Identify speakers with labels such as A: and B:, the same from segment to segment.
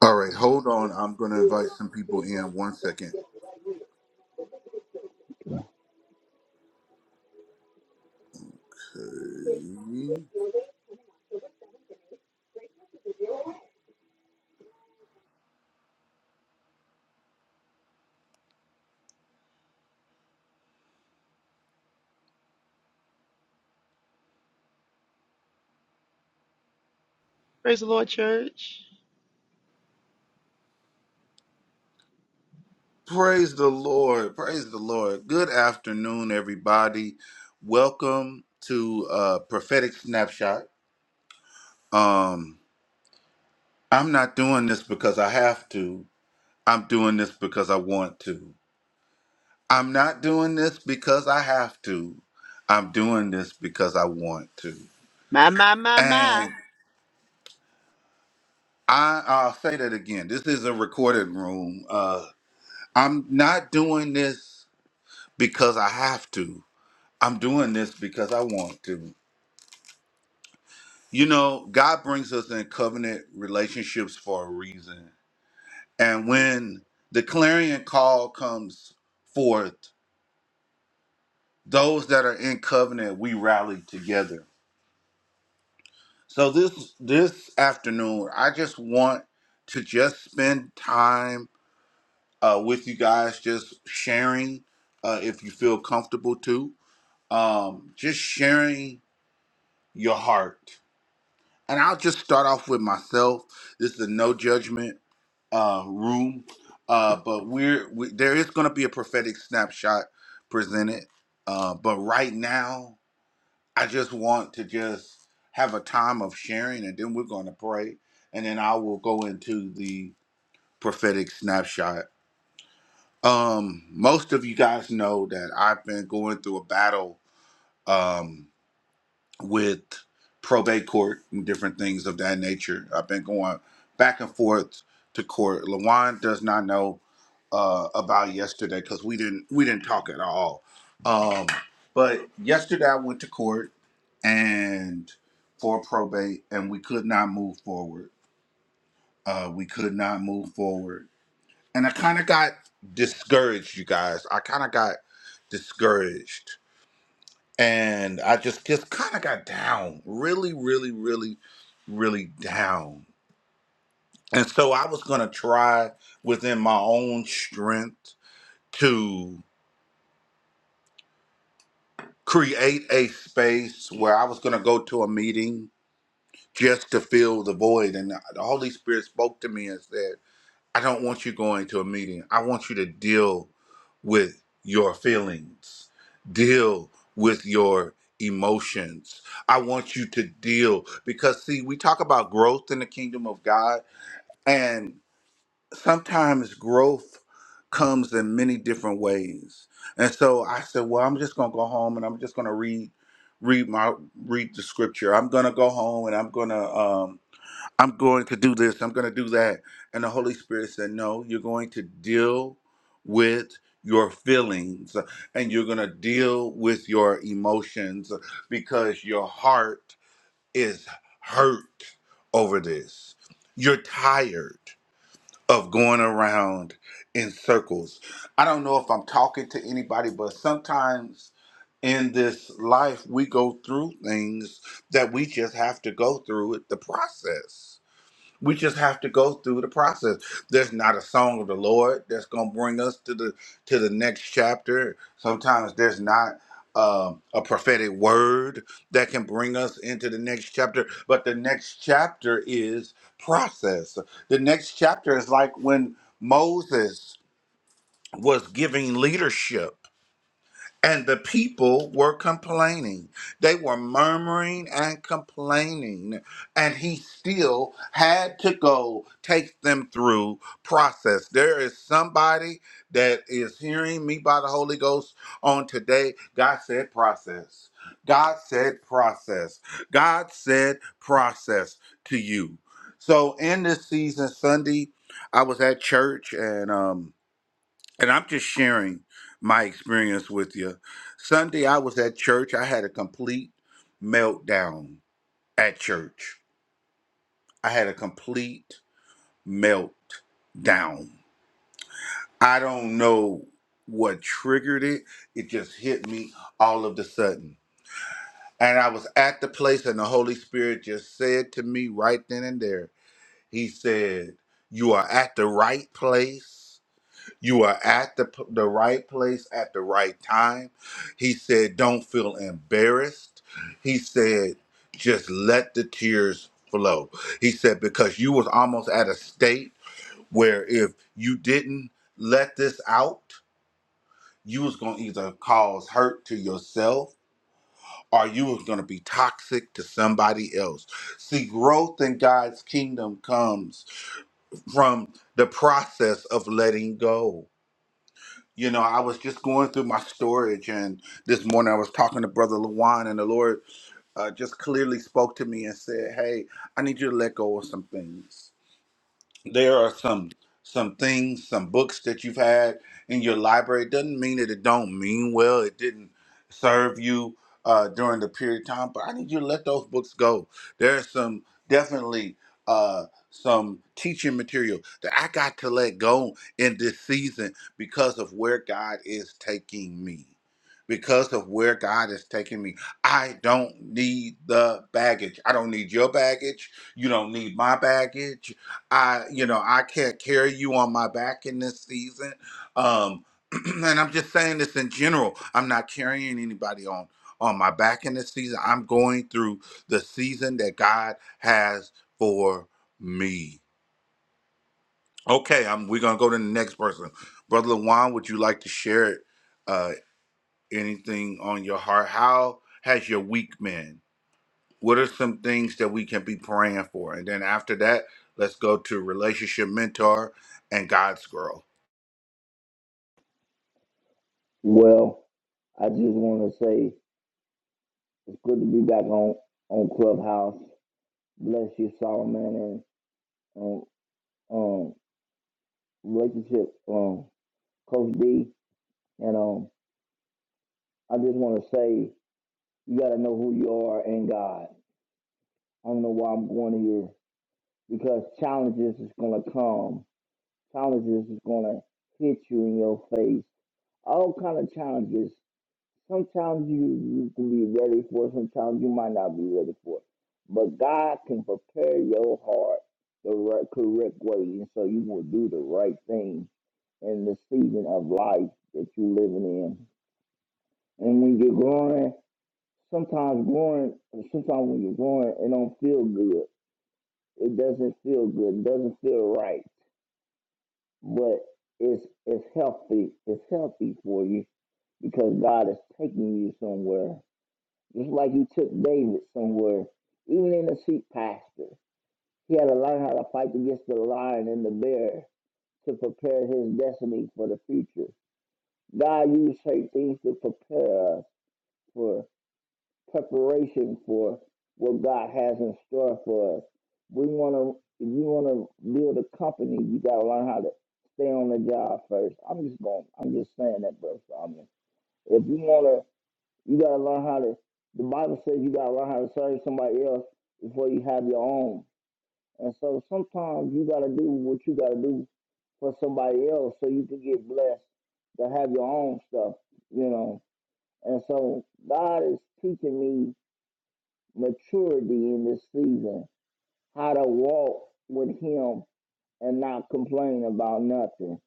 A: All right, hold on. I'm going to invite some people in one second. Okay.
B: Praise the Lord, church.
A: Praise the Lord. Praise the Lord. Good afternoon, everybody. Welcome to uh, Prophetic Snapshot. Um, I'm not doing this because I have to. I'm doing this because I want to. I'm not doing this because I have to. I'm doing this because I want to.
B: My, my, my,
A: And
B: my.
A: I, I'll say that again. This is a recorded room. Uh, I'm not doing this because I have to. I'm doing this because I want to. You know, God brings us in covenant relationships for a reason. And when the clarion call comes forth, those that are in covenant, we rally together. So this this afternoon, I just want to just spend time uh, with you guys, just sharing uh, if you feel comfortable to, um, just sharing your heart. And I'll just start off with myself. This is a no judgment uh, room, uh, but we're we, there is going to be a prophetic snapshot presented. Uh, but right now, I just want to just have a time of sharing, and then we're going to pray, and then I will go into the prophetic snapshot. Um, most of you guys know that I've been going through a battle. Um, with probate court and different things of that nature. I've been going back and forth to court. Lawan does not know uh, about yesterday because we didn't we didn't talk at all. Um, but yesterday I went to court and for probate, and we could not move forward. Uh, we could not move forward, and I kind of got discouraged, you guys. I kind of got discouraged and I just just kind of got down, really, really, really, really down. And so I was gonna try within my own strength to create a space where I was gonna go to a meeting just to fill the void. And the Holy Spirit spoke to me and said. I don't want you going to a meeting. I want you to deal with your feelings, deal with your emotions. I want you to deal because, see, we talk about growth in the kingdom of God, and sometimes growth comes in many different ways. And so I said, well, I'm just going to go home and I'm just going to read read my read the scripture. I'm going to go home and I'm going to I'm going to do this, I'm going to do that. And the Holy Spirit said, No, you're going to deal with your feelings and you're going to deal with your emotions because your heart is hurt over this. You're tired of going around in circles. I don't know if I'm talking to anybody, but sometimes in this life, we go through things that we just have to go through it, the process. We just have to go through the process. There's not a song of the Lord that's gonna bring us to the to the next chapter. Sometimes there's not um a prophetic word that can bring us into the next chapter. But the next chapter is process. The next chapter is like when Moses was giving leadership. And the people were complaining. They were murmuring and complaining. And he still had to go take them through process. There is somebody that is hearing me by the Holy Ghost on today. God said process. God said process. God said process to you. So in this season, Sunday, I was at church and um and I'm just sharing my experience with you. Sunday, I was at church. I had a complete meltdown at church. I had a complete meltdown. I don't know what triggered it. It just hit me all of the sudden. And I was at the place, and the Holy Spirit just said to me right then and there, He said, You are at the right place You are at the, p- the right place at the right time. He said, Don't feel embarrassed. He said, Just let the tears flow. He said, Because you was almost at a state where if you didn't let this out, you was going to either cause hurt to yourself or you was going to be toxic to somebody else. See, growth in God's kingdom comes from the process of letting go. You know, I was just going through my storage, and this morning I was talking to Brother Lawan, and the Lord uh, just clearly spoke to me and said, Hey, I need you to let go of some things there are some some things, some books that you've had in your library. It doesn't mean that it don't mean well. It didn't serve you uh, during the period of time, but I need you to let those books go. There's some definitely uh, some teaching material that I got to let go in this season because of where God is taking me. Because of where God is taking me, I don't need the baggage. I don't need your baggage. You don't need my baggage I, you know, I can't carry you on my back in this season. Um, and I'm just saying this in general. I'm not carrying anybody on on my back in this season. I'm going through the season that God has for me. Okay, I'm, we're gonna go to the next person. Brother Lawan, would you like to share uh, anything on your heart? How has your week been? what are some things that we can be praying for? And then after that, let's go to relationship mentor and God's girl.
C: Well, I just want to say it's good to be back on on Clubhouse. Bless you, Solomon, and um, um relationship um Coach D. And um, I just want to say you got to know who you are in God. I don't know why I'm going here because challenges is gonna come. Challenges is gonna hit you in your face. All kind of challenges. Sometimes you, you can be ready for it, sometimes you might not be ready for it. But God can prepare your heart the right, correct way, and so you will do the right thing in the season of life that you're living in. And when you're growing, sometimes growing, sometimes when you're growing, it don't feel good. It doesn't feel good. It doesn't feel right. But it's it's healthy. It's healthy for you because God is taking you somewhere It's like you took David somewhere, even in the sheep pasture. He had to learn how to fight against the lion and the bear to prepare his destiny for the future. God used certain things to prepare us for preparation for what God has in store for us. We want to, if you want to build a company, you got to learn how to stay on the job first. I'm just going, I'm just saying that, bro. Solomon. If you want to you gotta learn how to. The Bible says you gotta learn how to serve somebody else before you have your own. And so sometimes you gotta do what you gotta do for somebody else so you can get blessed to have your own stuff, you know. And so God is teaching me maturity in this season, how to walk with Him and not complain about nothing,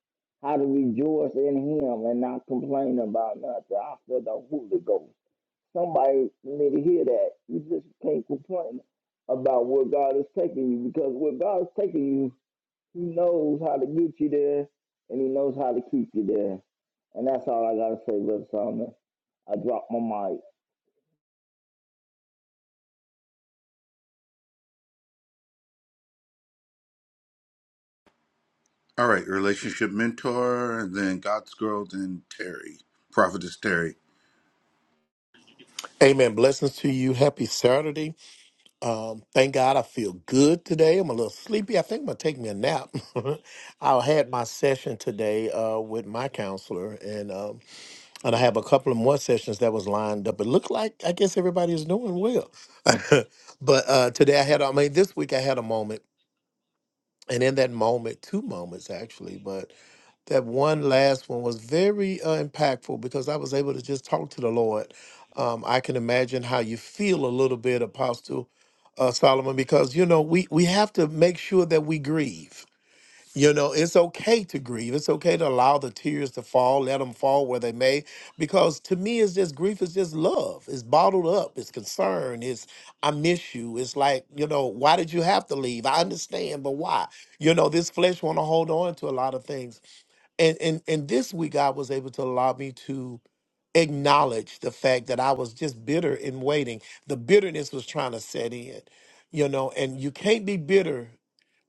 C: how to rejoice in Him and not complain about nothing. I feel the Holy Ghost. Somebody need to hear that. You just can't complain about where God is taking you because where God is taking you, He knows how to get you there and He knows how to keep you there. And that's all I gotta say, Brother Solomon. I dropped my mic.
A: All right, relationship mentor, and then God's girl, then Terry, prophetess Terry.
D: Amen. Blessings to you. Happy Saturday. Um, thank God I feel good today. I'm a little sleepy. I think I'm going to take me a nap. I had my session today uh, with my counselor, and um, and I have a couple of more sessions that was lined up. It looked like, I guess everybody is doing well. but uh, today I had, I mean, this week I had a moment and in that moment, two moments actually, but that one last one was very uh, impactful because I was able to just talk to the Lord. Um, I can imagine how you feel a little bit, Apostle uh, Solomon, because you know we we have to make sure that we grieve you know, it's okay to grieve. It's okay to allow the tears to fall, let them fall where they may, because to me, it's just grief is just love. It's bottled up. It's concern. It's I miss you. It's like you know, why did you have to leave? I understand, but why? You know, this flesh want to hold on to a lot of things, and and and this week God was able to allow me to acknowledge the fact that I was just bitter in waiting. The bitterness was trying to set in, you know, and you can't be bitter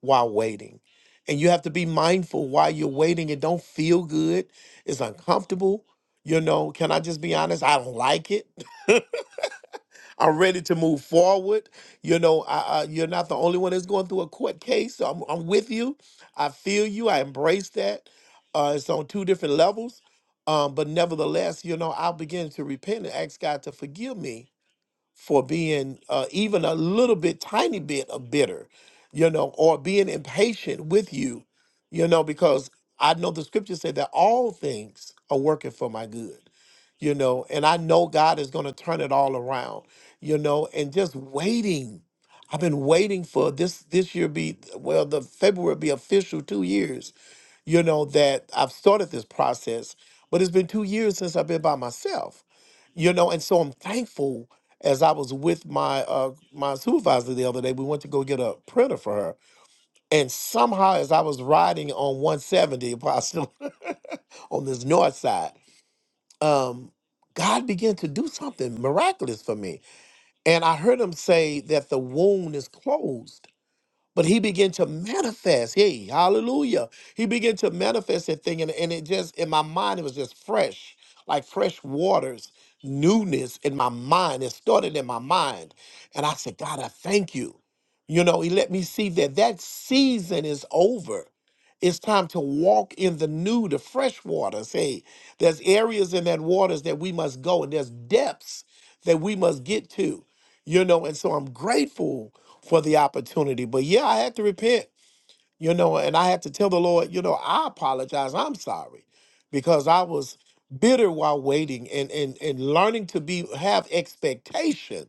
D: while waiting. And you have to be mindful while you're waiting. It don't feel good. It's uncomfortable. You know, can I just be honest? I don't like it. I'm ready to move forward. You know, I, I, you're not the only one that's going through a court case. So I'm, I'm with you. I feel you. I embrace that. Uh, it's on two different levels. Um, but nevertheless, you know, I'll begin to repent and ask God to forgive me for being uh, even a little bit, tiny bit of bitter, you know, or being impatient with you, you know, because I know the scripture said that all things are working for my good, you know, and I know God is going to turn it all around, you know, and just waiting. I've been waiting for this this year be well the February be official 2 years, you know, that I've started this process, but it's been 2 years since I've been by myself you know and so i'm thankful as i was with my uh my supervisor the other day we went to go get a printer for her and somehow as i was riding on 170 apostle on this north side um god began to do something miraculous for me and i heard him say that the wound is closed but he began to manifest. Hey, hallelujah. He began to manifest that thing. And, and it just, in my mind, it was just fresh, like fresh waters, newness in my mind. It started in my mind. And I said, God, I thank you. You know, he let me see that that season is over. It's time to walk in the new, the fresh waters. Hey, there's areas in that waters that we must go, and there's depths that we must get to. You know, and so I'm grateful for the opportunity. But yeah, I had to repent, you know, and I had to tell the Lord, you know, I apologize. I'm sorry because I was bitter while waiting and and and learning to be have expectation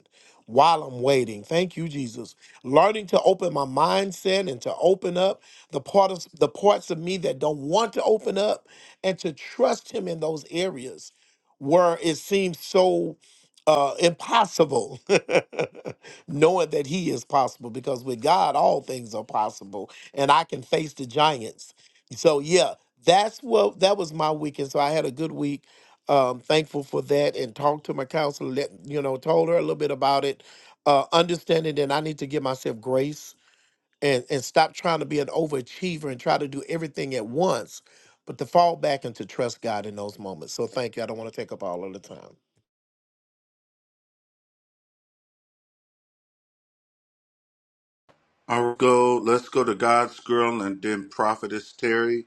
D: while I'm waiting. Thank you Jesus. Learning to open my mindset and to open up the part of the parts of me that don't want to open up and to trust him in those areas where it seems so uh impossible knowing that he is possible because with God all things are possible and I can face the giants. So yeah, that's what that was my weekend. So I had a good week. Um thankful for that and talked to my counselor, let you know, told her a little bit about it. Uh understanding that I need to give myself grace and and stop trying to be an overachiever and try to do everything at once, but to fall back and to trust God in those moments. So thank you. I don't want to take up all of the time.
A: All right, go. Let's go to God's girl, and then prophetess Terry,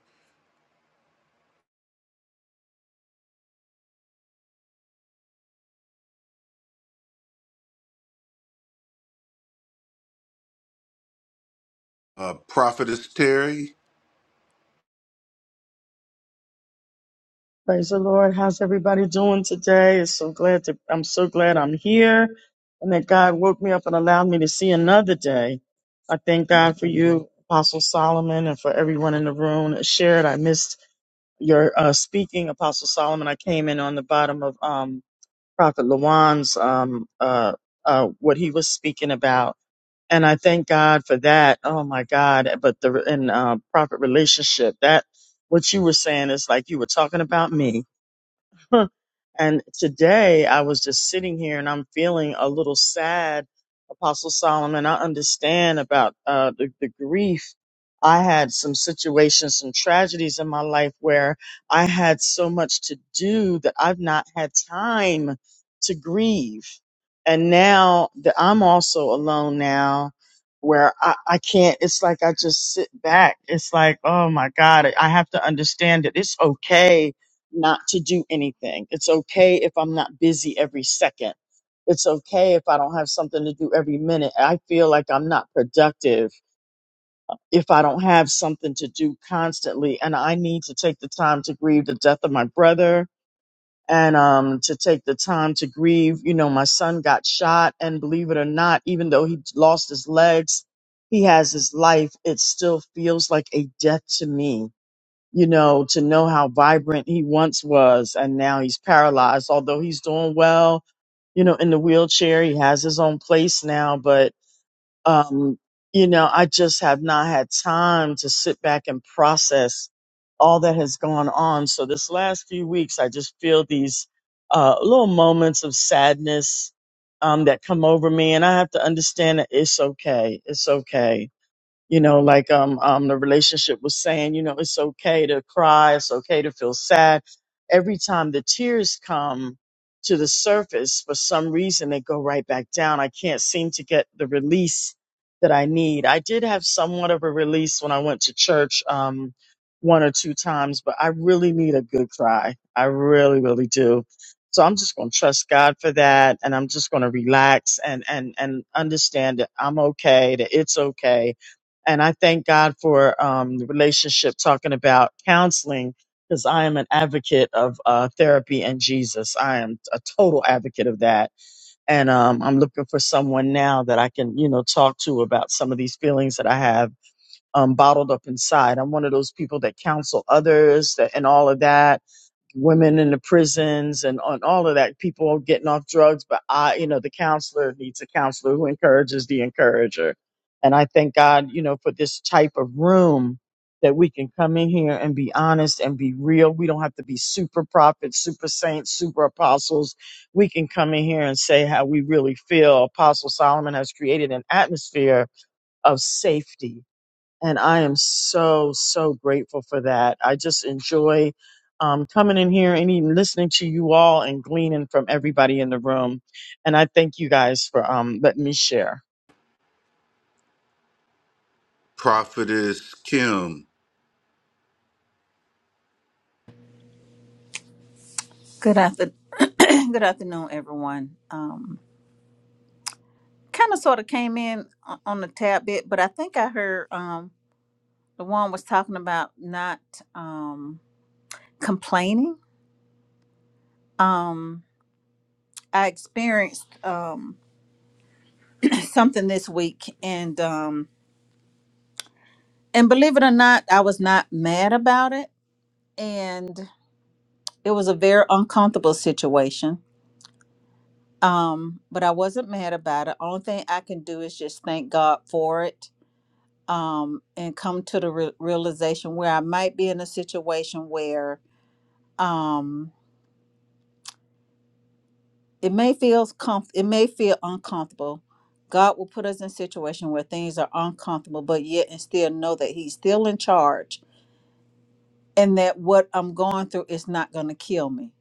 A: uh, prophetess Terry,
E: Praise the Lord. How's everybody doing today? It's so glad to I'm so glad I'm here and that God woke me up and allowed me to see another day. I thank God for you, Apostle Solomon, and for everyone in the room. Shared, I missed your uh, speaking, Apostle Solomon. I came in on the bottom of um, Prophet Lawan's um, uh, uh, what he was speaking about, and I thank God for that. Oh my God! But the and uh, prophet relationship that what you were saying is like you were talking about me. And today I was just sitting here and I'm feeling a little sad, Apostle Solomon. I understand about uh, the, the grief. I had some situations, some tragedies in my life where I had so much to do that I've not had time to grieve. And now that I'm also alone now, where I, I can't, it's like I just sit back. It's like, oh my God, I have to understand that it's okay not to do anything. It's okay if I'm not busy every second. It's okay if I don't have something to do every minute. I feel like I'm not productive if I don't have something to do constantly. And I need to take the time to grieve the death of my brother and um, to take the time to grieve. You know, my son got shot, and believe it or not, even though he lost his legs, he has his life. It still feels like a death to me you know, to know how vibrant he once was and now he's paralyzed, although he's doing well, you know, in the wheelchair. He has his own place now, but, um, you know, I just have not had time to sit back and process all that has gone on. So this last few weeks, I just feel these, uh, little moments of sadness, um, that come over me. And I have to understand that it's okay. It's okay you know like um um the relationship was saying you know it's okay to cry it's okay to feel sad every time the tears come to the surface for some reason they go right back down i can't seem to get the release that i need i did have somewhat of a release when i went to church um one or two times but i really need a good cry i really really do so i'm just going to trust god for that and i'm just going to relax and and and understand that i'm okay that it's okay and I thank God for um, the relationship talking about counseling because I am an advocate of uh, therapy and Jesus. I am a total advocate of that. And um, I'm looking for someone now that I can, you know, talk to about some of these feelings that I have um, bottled up inside. I'm one of those people that counsel others that, and all of that women in the prisons and on all of that, people getting off drugs. But I, you know, the counselor needs a counselor who encourages the encourager. And I thank God, you know, for this type of room that we can come in here and be honest and be real. We don't have to be super prophets, super saints, super apostles. We can come in here and say how we really feel. Apostle Solomon has created an atmosphere of safety and I am so so grateful for that. I just enjoy um, coming in here and even listening to you all and gleaning from everybody in the room. And I thank you guys for um, letting me share.
A: prophetess Kim.
F: Good after, good afternoon, everyone. Um, kind of sort of came in o- on a tad bit, but I think I heard um, the one was talking about not um, complaining. Um, I experienced um, something this week, and um, and believe it or not, I was not mad about it, and it was a very uncomfortable situation. Um, but I wasn't mad about it. Only thing I can do is just thank God for it um, and come to the re- realization where I might be in a situation where um, it may feel comf- it may feel uncomfortable. God will put us in a situation where things are uncomfortable, but yet and still know that He's still in charge and that what I'm going through is not going to kill me.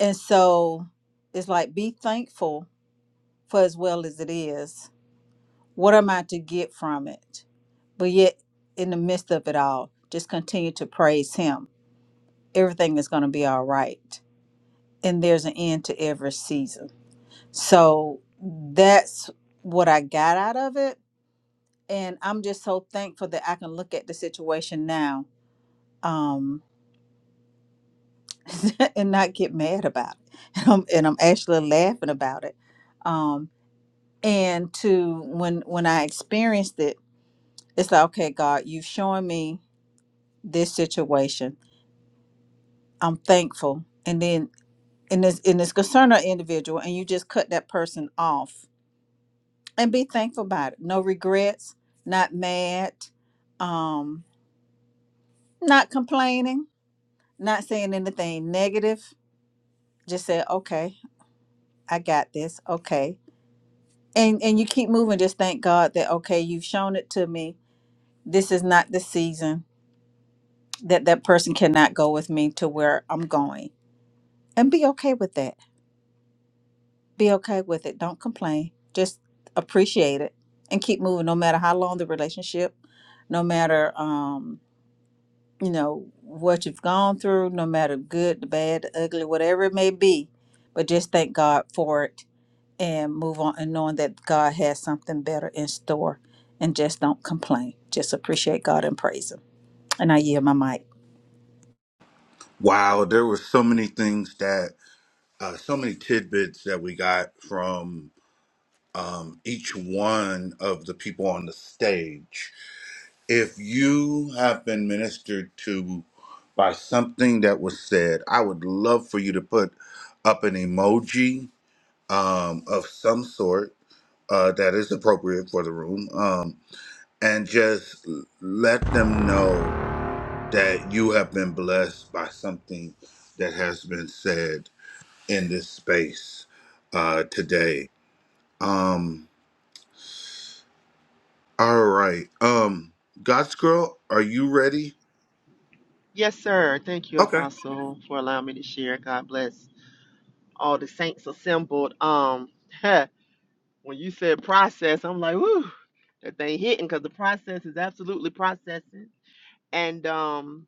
F: And so it's like be thankful for as well as it is. What am I to get from it? But yet, in the midst of it all, just continue to praise Him everything is going to be all right. And there's an end to every season. So that's what I got out of it. And I'm just so thankful that I can look at the situation now um, and not get mad about it. And I'm, and I'm actually laughing about it. Um, and to when when I experienced it, it's like, okay, God, you've shown me this situation. I'm thankful. And then and it's and it's concerning an individual and you just cut that person off and be thankful about it. No regrets, not mad, um, not complaining, not saying anything negative. Just say, okay, I got this. Okay, and and you keep moving. Just thank God that okay, you've shown it to me. This is not the season that that person cannot go with me to where I'm going, and be okay with that. Be okay with it. Don't complain. Just appreciate it and keep moving. No matter how long the relationship, no matter um you know what you've gone through no matter good the bad the ugly whatever it may be but just thank god for it and move on and knowing that god has something better in store and just don't complain just appreciate god and praise him and i yield my mic
A: Wow, there were so many things that, uh, so many tidbits that we got from each one of the people on the stage. If you have been ministered to by something that was said, I would love for you to put up an emoji um, of some sort uh, that is appropriate for the room um, and just l- let them know that you have been blessed by something that has been said in this space uh, today. Um, all right. Um, God's girl, are you ready?
B: Yes, sir. Thank you,
A: Okay.
B: Apostle, for allowing me to share. God bless all the saints assembled. Um, when you said process, I'm like, woo, that thing hitting because the process is absolutely processing. And um,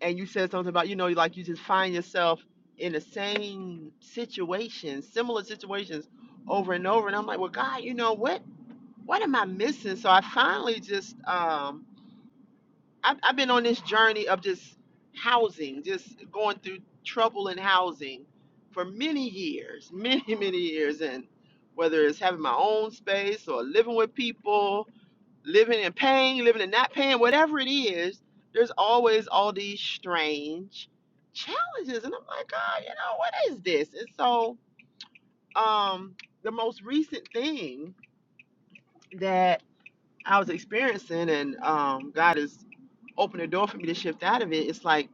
B: and you said something about you know, like you just find yourself in the same situations, similar situations, over and over. And I'm like, well, God, you know what? What am I missing? So I finally just um I've, I've been on this journey of just housing, just going through trouble in housing for many years, many, many years. And whether it's having my own space or living with people, living and paying, living and not paying, whatever it is, there's always all these strange challenges. And I'm like, God, you know, what is this? And so um, the most recent thing that I was experiencing, and um, God is open the door for me to shift out of it. It's like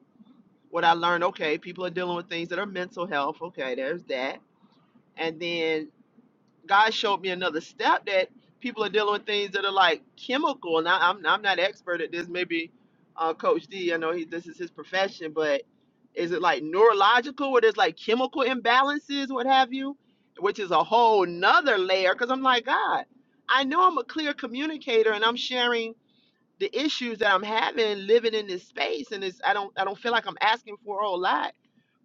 B: what I learned, okay, people are dealing with things that are mental health. Okay, there's that. And then God showed me another step that people are dealing with things that are like chemical. And I, I'm, I'm not expert at this. Maybe uh, Coach D, I know he, this is his profession, but is it like neurological where there's like chemical imbalances, what have you? Which is a whole nother layer because I'm like, God, I know I'm a clear communicator and I'm sharing the issues that I'm having living in this space and it's I don't I don't feel like I'm asking for a whole lot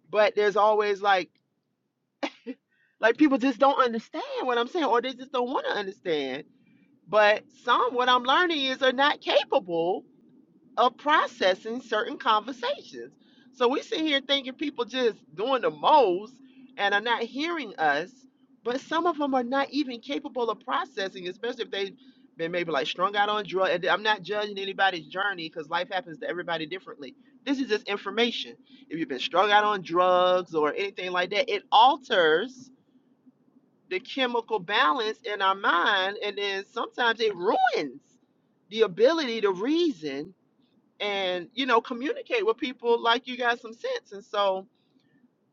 B: but there's always like like people just don't understand what I'm saying or they just don't want to understand. But some what I'm learning is are not capable of processing certain conversations. So we sit here thinking people just doing the most and are not hearing us, but some of them are not even capable of processing, especially if they've been maybe like strung out on drugs. And I'm not judging anybody's journey because life happens to everybody differently. This is just information. If you've been strung out on drugs or anything like that, it alters the chemical balance in our mind, and then sometimes it ruins the ability to reason and you know communicate with people like you got some sense and so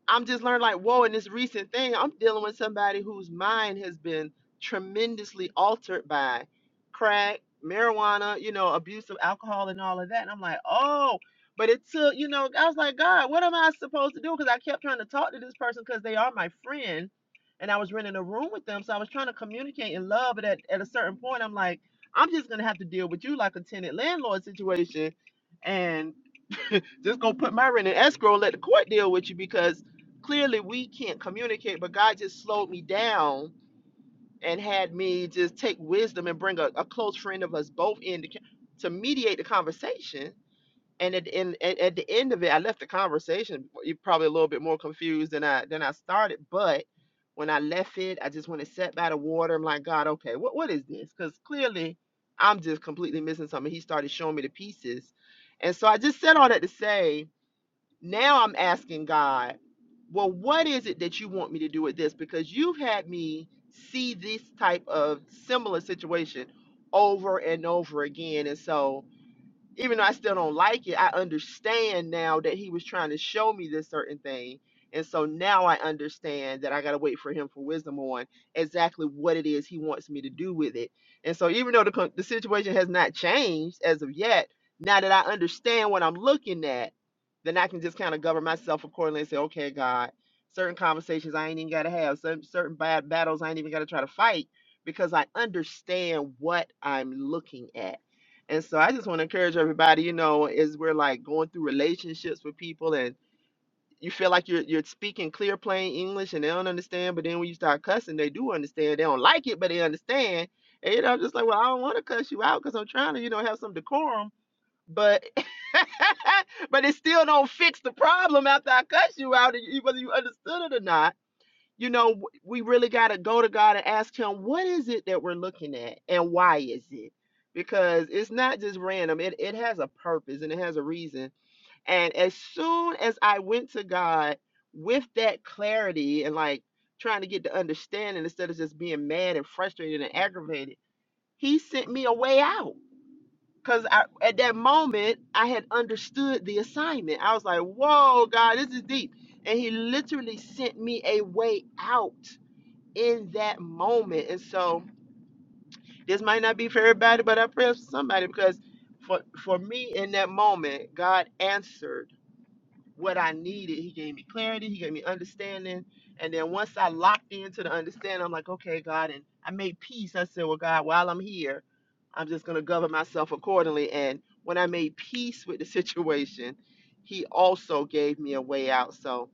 B: I'm just learning like, whoa, in this recent thing, I'm dealing with somebody whose mind has been tremendously altered by crack, marijuana, you know, abuse of alcohol and all of that. And I'm like, oh, but it took, you know, I was like, God, what am I supposed to do? Because I kept trying to talk to this person because they are my friend. And I was renting a room with them. So I was trying to communicate in love. But at, at a certain point, I'm like, I'm just going to have to deal with you like a tenant landlord situation. And just gonna put my rent in escrow and let the court deal with you because clearly we can't communicate, but God just slowed me down and had me just take wisdom and bring a, a close friend of us both in to, to mediate the conversation. And at, the end at, at the end of it, I left the conversation y- probably a little bit more confused than I than I started. But when I left it, I just went and sat by the water. I'm like, God, okay, what what is this? Because clearly, I'm just completely missing something. He started showing me the pieces, and so I just said all that to say now I'm asking God, well, what is it that you want me to do with this? Because you've had me see this type of similar situation over and over again. And so even though I still don't like it, I understand now that he was trying to show me this certain thing. And so now I understand that I got to wait for him for wisdom on exactly what it is he wants me to do with it. And so even though the, con- the situation has not changed as of yet, now that I understand what I'm looking at, then I can just kind of govern myself accordingly and say, okay, God, certain conversations I ain't even got to have, certain, certain bad battles I ain't even got to try to fight because I understand what I'm looking at and so I just want to encourage everybody, you know, as we're like going through relationships with people and you feel like you're you're speaking clear, plain English and they don't understand, but then when you start cussing, they do understand. They don't like it, but they understand. And you know, I'm just like, well, I don't want to cuss you out because I'm trying to, you know, have some decorum, but but it still don't fix the problem after I cuss you out, and you- whether you understood it or not you know, we really got to go to God and ask Him, what is it that we're looking at and why is it? Because it's not just random, it, it has a purpose and it has a reason. And as soon as I went to God with that clarity and like trying to get the understanding instead of just being mad and frustrated and aggravated, He sent me a way out. Because I, at that moment, I had understood the assignment. I was like, whoa, God, this is deep. And He literally sent me a way out in that moment. And so this might not be for everybody, but I pray for somebody because for for me in that moment, God answered what I needed. He gave me clarity, he gave me understanding. And then once I locked into the understanding, I'm like, okay, God, and I made peace. I said, Well, God, while I'm here, I'm just gonna govern myself accordingly. And when I made peace with the situation, he also gave me a way out. So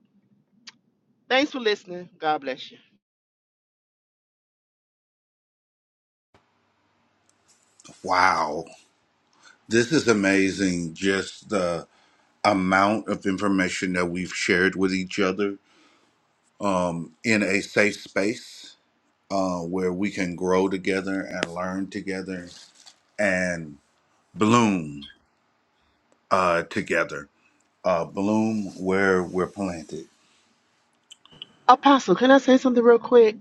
B: thanks for listening. God bless you.
A: Wow. This is amazing, just the amount of information that we've shared with each other um, in a safe space uh, where we can grow together and learn together and bloom uh, together. Uh, bloom where we're planted.
B: Apostle, can I say something real quick?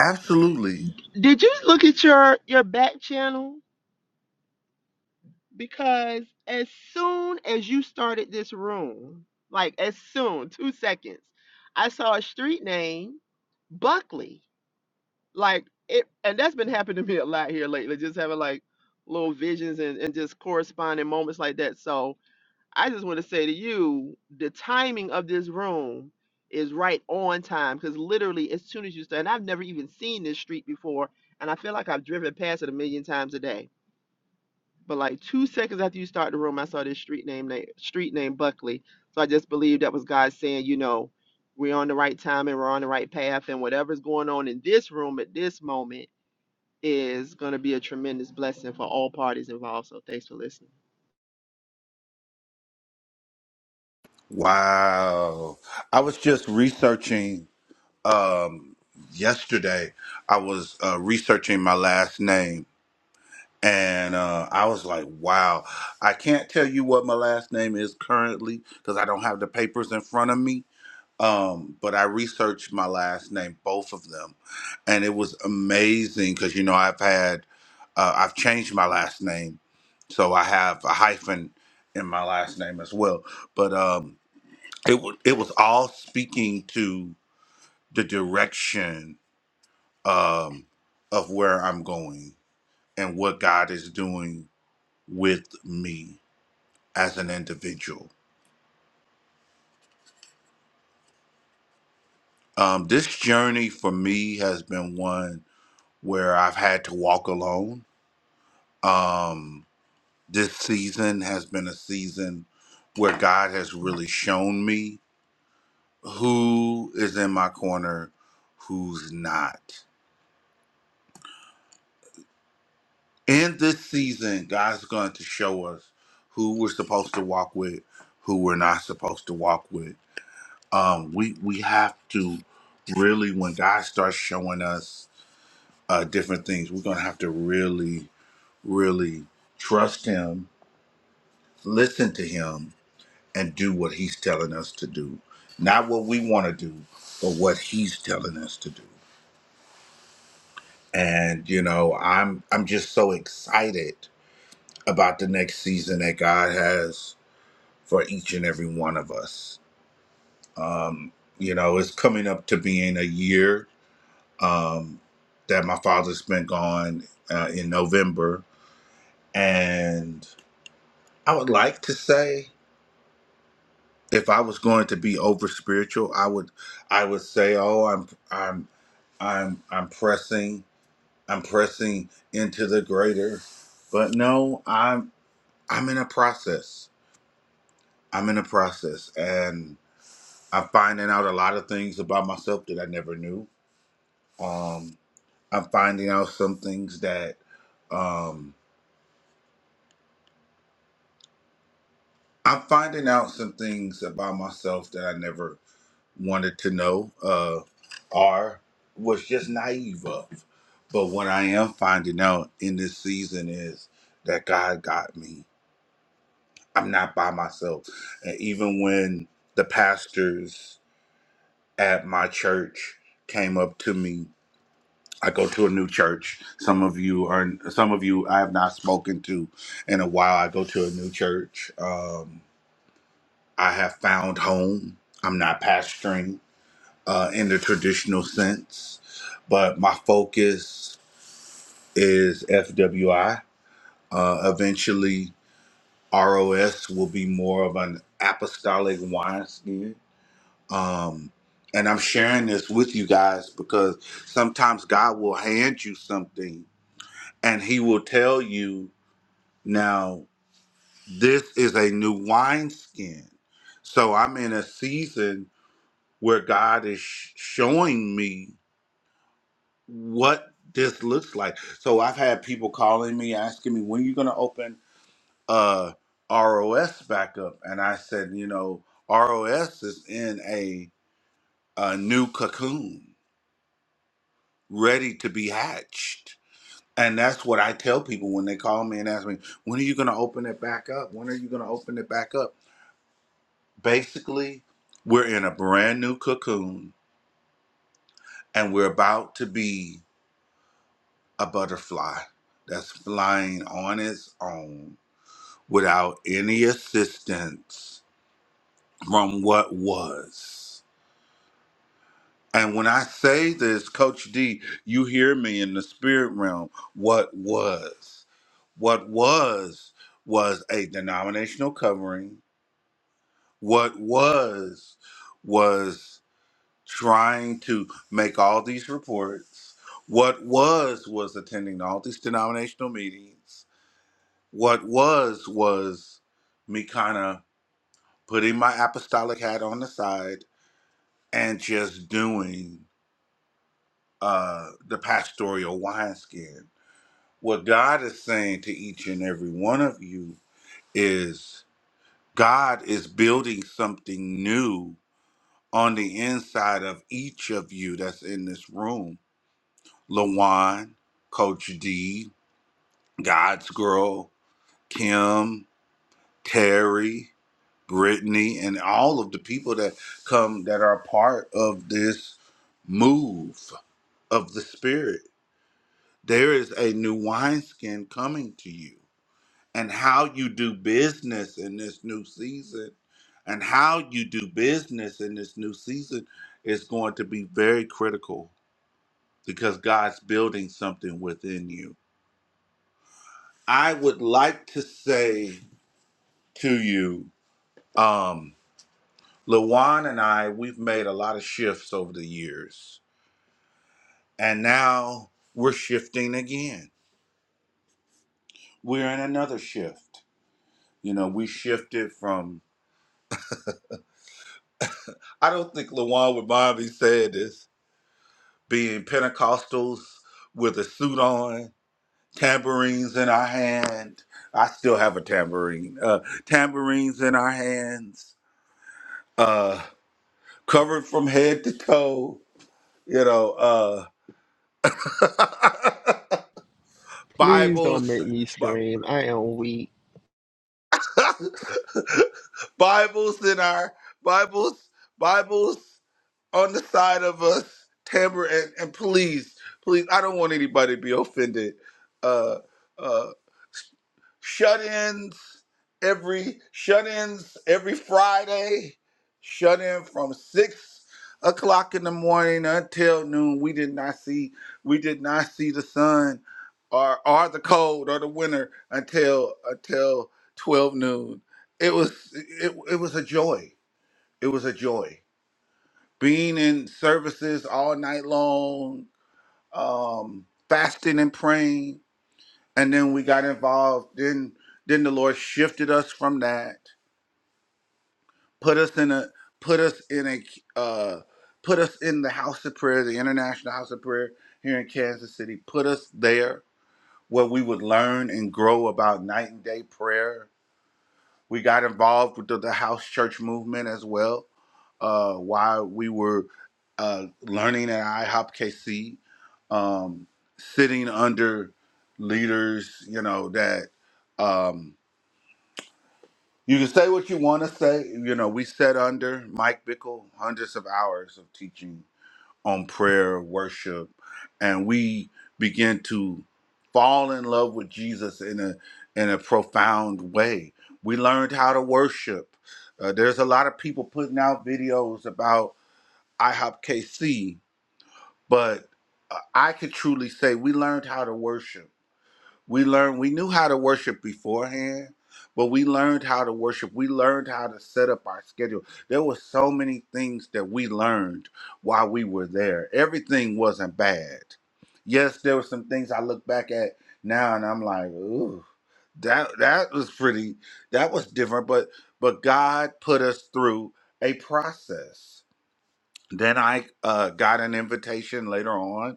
A: Absolutely.
B: Did you look at your your back channel? Because as soon as you started this room, like as soon, two seconds, I saw a street name, Buckley. Like it, and that's been happening to me a lot here lately. Just having like little visions and, and just corresponding moments like that. So I just want to say to you, the timing of this room is right on time because literally as soon as you start, and I've never even seen this street before, and I feel like I've driven past it a million times a day. But like two seconds after you start the room, I saw this street name, na- street name Buckley. So I just believe that was God saying, you know, we're on the right time and we're on the right path, and whatever's going on in this room at this moment is going to be a tremendous blessing for all parties involved. So thanks for listening.
A: Wow. I was just researching um, yesterday, I was uh, researching my last name And uh, I was like, wow. I can't tell you what my last name is currently because I don't have the papers in front of me. Um, but I researched my last name, both of them. And it was amazing because, you know, I've had, uh, I've changed my last name. So I have a hyphen in my last name as well. But um, it, w- it was all speaking to the direction um, of where I'm going and what God is doing with me as an individual. Um, this journey for me has been one where I've had to walk alone. Um, this season has been a season where God has really shown me who is in my corner, who's not. In this season, God's going to show us who we're supposed to walk with, who we're not supposed to walk with. Um, we we have to really, when God starts showing us uh, different things. We're going to have to really, really trust Him, listen to Him, and do what He's telling us to do. Not what we want to do, but what He's telling us to do. And you know, I'm I'm just so excited about the next season that God has for each and every one of us. Um, you know, it's coming up to being a year um, that my father's been gone uh, in November, and I would like to say if I was going to be over spiritual, I would I would say, "Oh, I'm I'm I'm I'm pressing I'm pressing into the greater." But no, I'm I'm in a process. I'm in a process and I'm finding out a lot of things about myself that I never knew. Um I'm finding out some things that um I'm finding out some things about myself that I never wanted to know uh, or was just naive of. But what I am finding out in this season is that God got me. I'm not by myself. And even when the pastors at my church came up to me, I go to a new church. Some of you are some of you I have not spoken to in a while. I go to a new church. Um, I have found home. I'm not pastoring. uh, in the traditional sense, but my focus is FWI. Uh, eventually, ROS will be more of an apostolic wineskin. Um, and I'm sharing this with you guys because sometimes God will hand you something and He will tell you, now, this is a new wineskin. So I'm in a season where God is sh- showing me what this looks like. So I've had people calling me asking me when are you going to open uh ROS back up, and I said, you know, ROS is in a a new cocoon, ready to be hatched. And that's what I tell people when they call me and ask me, when are you going to open it back up? When are you going to open it back up? Basically, we're in a brand new cocoon and we're about to be a butterfly that's flying on its own without any assistance from what was. And when I say this, Coach D, you hear me in the spirit realm. What was? What was was a denominational covering. What was was trying to make all these reports. What was was attending all these denominational meetings. What was was me kind of putting my apostolic hat on the side and just doing uh, the pastoral wineskin. What God is saying to each and every one of you is God is building something new on the inside of each of you that's in this room. Lawan, Coach D, God's Girl, Kim, Terry, Brittany, and all of the people that come that are part of this move of the Spirit. There is a new wineskin coming to you, and how you do business in this new season, and how you do business in this new season is going to be very critical because God's building something within you. I would like to say to you, um, Lawan and I, we've made a lot of shifts over the years. And now we're shifting again. We're in another shift. You know, we shifted from, I don't think Lawan would mind me saying this, being Pentecostals with a suit on, tambourines in our hand. I still have a tambourine. Uh, tambourines in our hands, uh, covered from head to toe, you know, uh,
B: Please don't
A: Bibles.
B: make me scream. I am weak.
A: Bibles in our Bibles, Bibles on the side of us, Tamara, and, and please, please, I don't want anybody to be offended. Uh, uh, shut-ins every shut-ins every Friday. Shut in from six o'clock in the morning until noon. We did not see we did not see the sun or or the cold or the winter until until twelve noon. It was it, it was a joy. It was a joy. Being in services all night long, um, fasting and praying, and then we got involved then then the lord shifted us from that put us in a put us in a uh put us in the house of prayer the international house of prayer here in kansas city put us there where we would learn and grow about night and day prayer we got involved with the, the house church movement as well uh while we were uh learning at ihop kc um sitting under leaders you know that Um, You can say what you want to say. You know, we sat under Mike Bickle hundreds of hours of teaching on prayer, worship, and we began to fall in love with Jesus in a in a profound way. We learned how to worship. Uh, there's a lot of people putting out videos about IHOP KC, but uh, I could truly say we learned how to worship we learned we knew how to worship beforehand, but we learned how to worship. We learned how to set up our schedule. There were so many things that we learned while we were there. Everything wasn't bad. Yes, there were some things I look back at now and I'm like, ooh, that that was pretty that was different, but but God put us through a process. Then I uh, got an invitation later on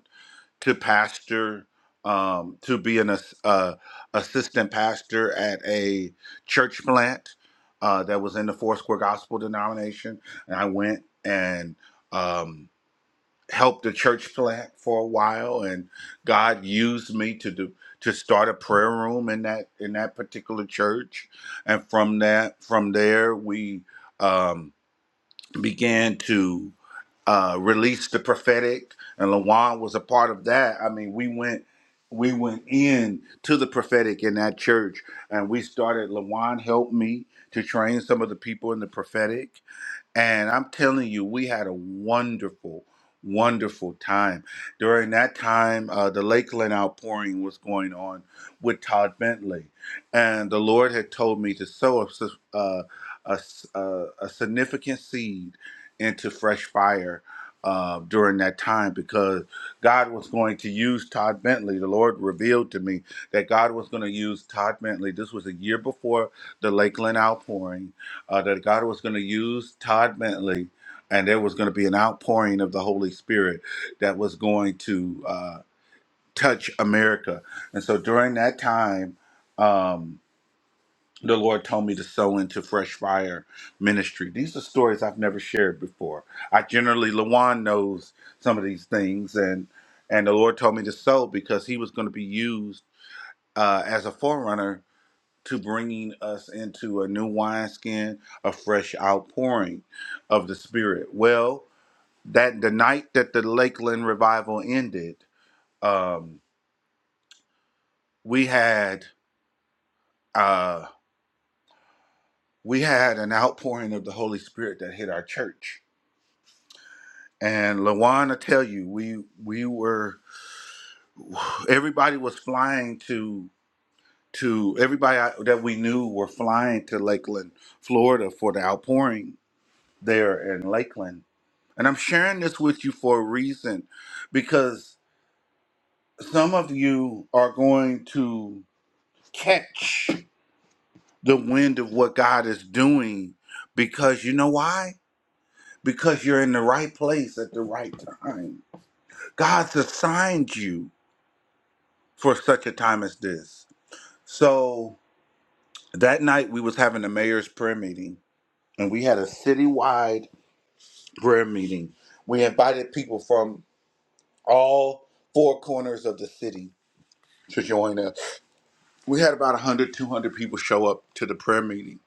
A: to pastor, um, to be an ass- uh, assistant pastor at a church plant uh, that was in the Four Square Gospel denomination. And I went and um, helped the church plant for a while, and God used me to do to start a prayer room in that in that particular church. And from that, from there, we um, began to uh, released the prophetic, and Lawan was a part of that. I mean, we went we went in to the prophetic in that church, and we started. Lawan helped me to train some of the people in the prophetic, and I'm telling you, we had a wonderful, wonderful time. During that time, uh, the Lakeland outpouring was going on with Todd Bentley. And the Lord had told me to sow a, s- uh, a s- uh, a significant seed into fresh fire uh, during that time because God was going to use Todd Bentley. The Lord revealed to me that God was going to use Todd Bentley. This was a year before the Lakeland outpouring uh, that God was going to use Todd Bentley, and there was going to be an outpouring of the Holy Spirit that was going to uh, touch America. And so during that time, um, the Lord told me to sow into Fresh Fire Ministry. These are stories I've never shared before. I generally, Lawan knows some of these things, and and the Lord told me to sow because He was going to be used uh, as a forerunner to bringing us into a new wineskin, a fresh outpouring of the Spirit. Well, that the night that the Lakeland revival ended, um, we had uh, we had an outpouring of the Holy Spirit that hit our church. And Lawana, tell you, we we were everybody was flying to to everybody I- that we knew were flying to Lakeland, Florida, for the outpouring there in Lakeland And I'm sharing this with you for a reason because some of you are going to catch the wind of what God is doing because you know why? Because you're in the right place at the right time. God's assigned you for such a time as this. So that night we was having a mayor's prayer meeting and we had a citywide prayer meeting. We invited people from all four corners of the city to join us we had about 100 200 people show up to the prayer meeting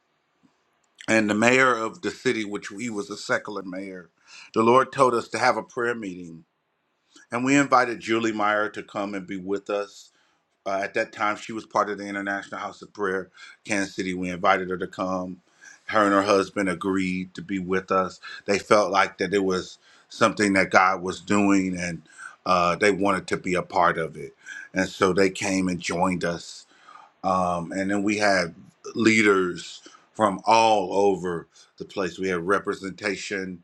A: and the mayor of the city which he was a secular mayor the lord told us to have a prayer meeting and we invited julie meyer to come and be with us uh, at that time she was part of the international house of prayer kansas city we invited her to come her and her husband agreed to be with us they felt like that it was something that god was doing and uh, they wanted to be a part of it and so they came and joined us um, and then we had leaders from all over the place. We had representation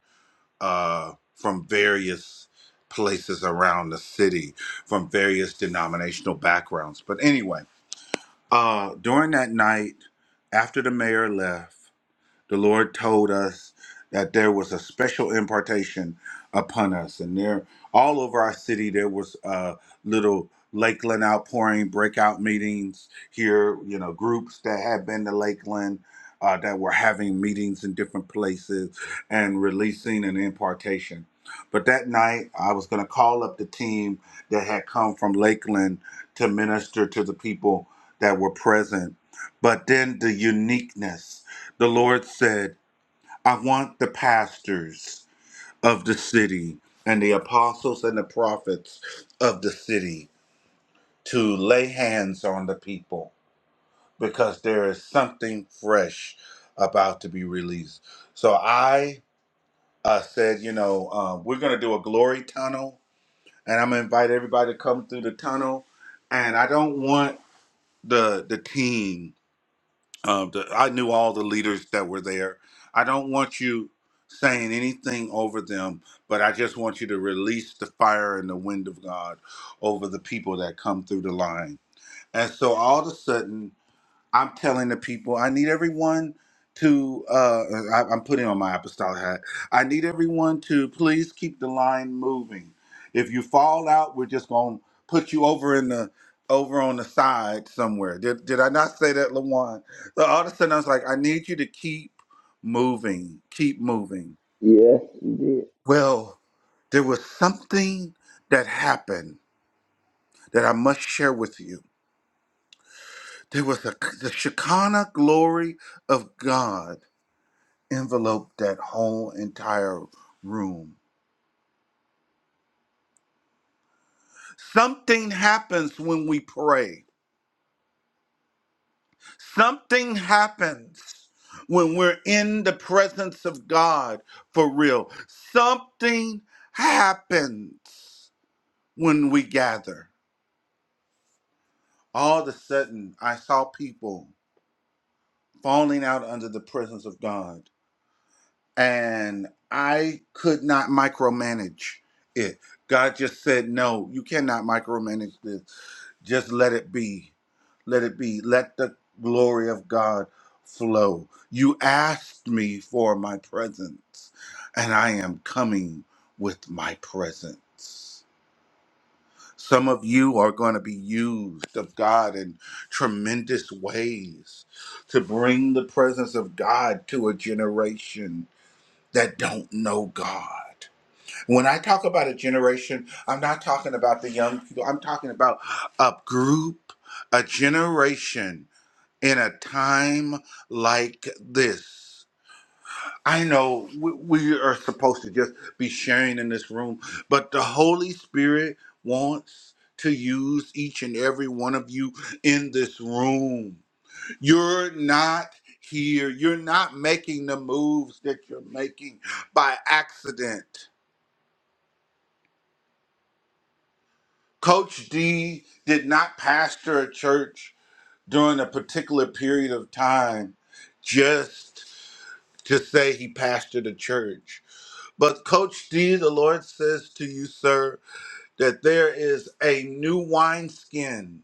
A: uh, from various places around the city, from various denominational backgrounds. But anyway, uh, during that night, after the mayor left the Lord told us that there was a special impartation upon us, and there all over our city there was uh, little Lakeland outpouring breakout meetings here. You know, groups that had been to Lakeland. Uh, that were having meetings in different places and releasing an impartation. But that night, I was going to call up the team that had come from Lakeland to minister to the people that were present. But then the uniqueness the Lord said, I want the pastors of the city and the apostles and the prophets of the city to lay hands on the people because there is something fresh about to be released. So I uh, said, you know, uh, we're going to do a glory tunnel and I'm going to invite everybody to come through the tunnel. And I don't want the the team. Uh, the, I knew all the leaders that were there. I don't want you saying anything over them, but I just want you to release the fire and the wind of God over the people that come through the line. And so all of a sudden, I'm telling the people, I need everyone to, uh, I, I'm putting on my apostolic hat. I need everyone to please keep the line moving. If you fall out, we're just going to put you over in the, over on the side somewhere. Did, did I not say that, Lawan? So all of a sudden I was like, I need you to keep moving, keep moving.
C: Yes, you did.
A: Well, there was something that happened that I must share with you. There was a, the Shekinah glory of God envelope that whole entire room. Something happens when we pray. Something happens when we're in the presence of God for real. Something happens when we gather. All of a sudden, I saw people falling out under the presence of God. and I could not micromanage it. God just said, "No, you cannot micromanage this. Just let it be. Let it be. Let the glory of God flow. You asked me for my presence, and I am coming with my presence." Some of you are going to be used of God in tremendous ways to bring the presence of God to a generation that don't know God. When I talk about a generation, I'm not talking about the young people. I'm talking about a group, a generation in a time like this. I know we we are supposed to just be sharing in this room, but the Holy Spirit wants to use each and every one of you in this room. You're not here. You're not making the moves that you're making by accident. Coach D did not pastor a church during a particular period of time just to say he pastored a church. But Coach D, the Lord says to you, sir, that there is a new wineskin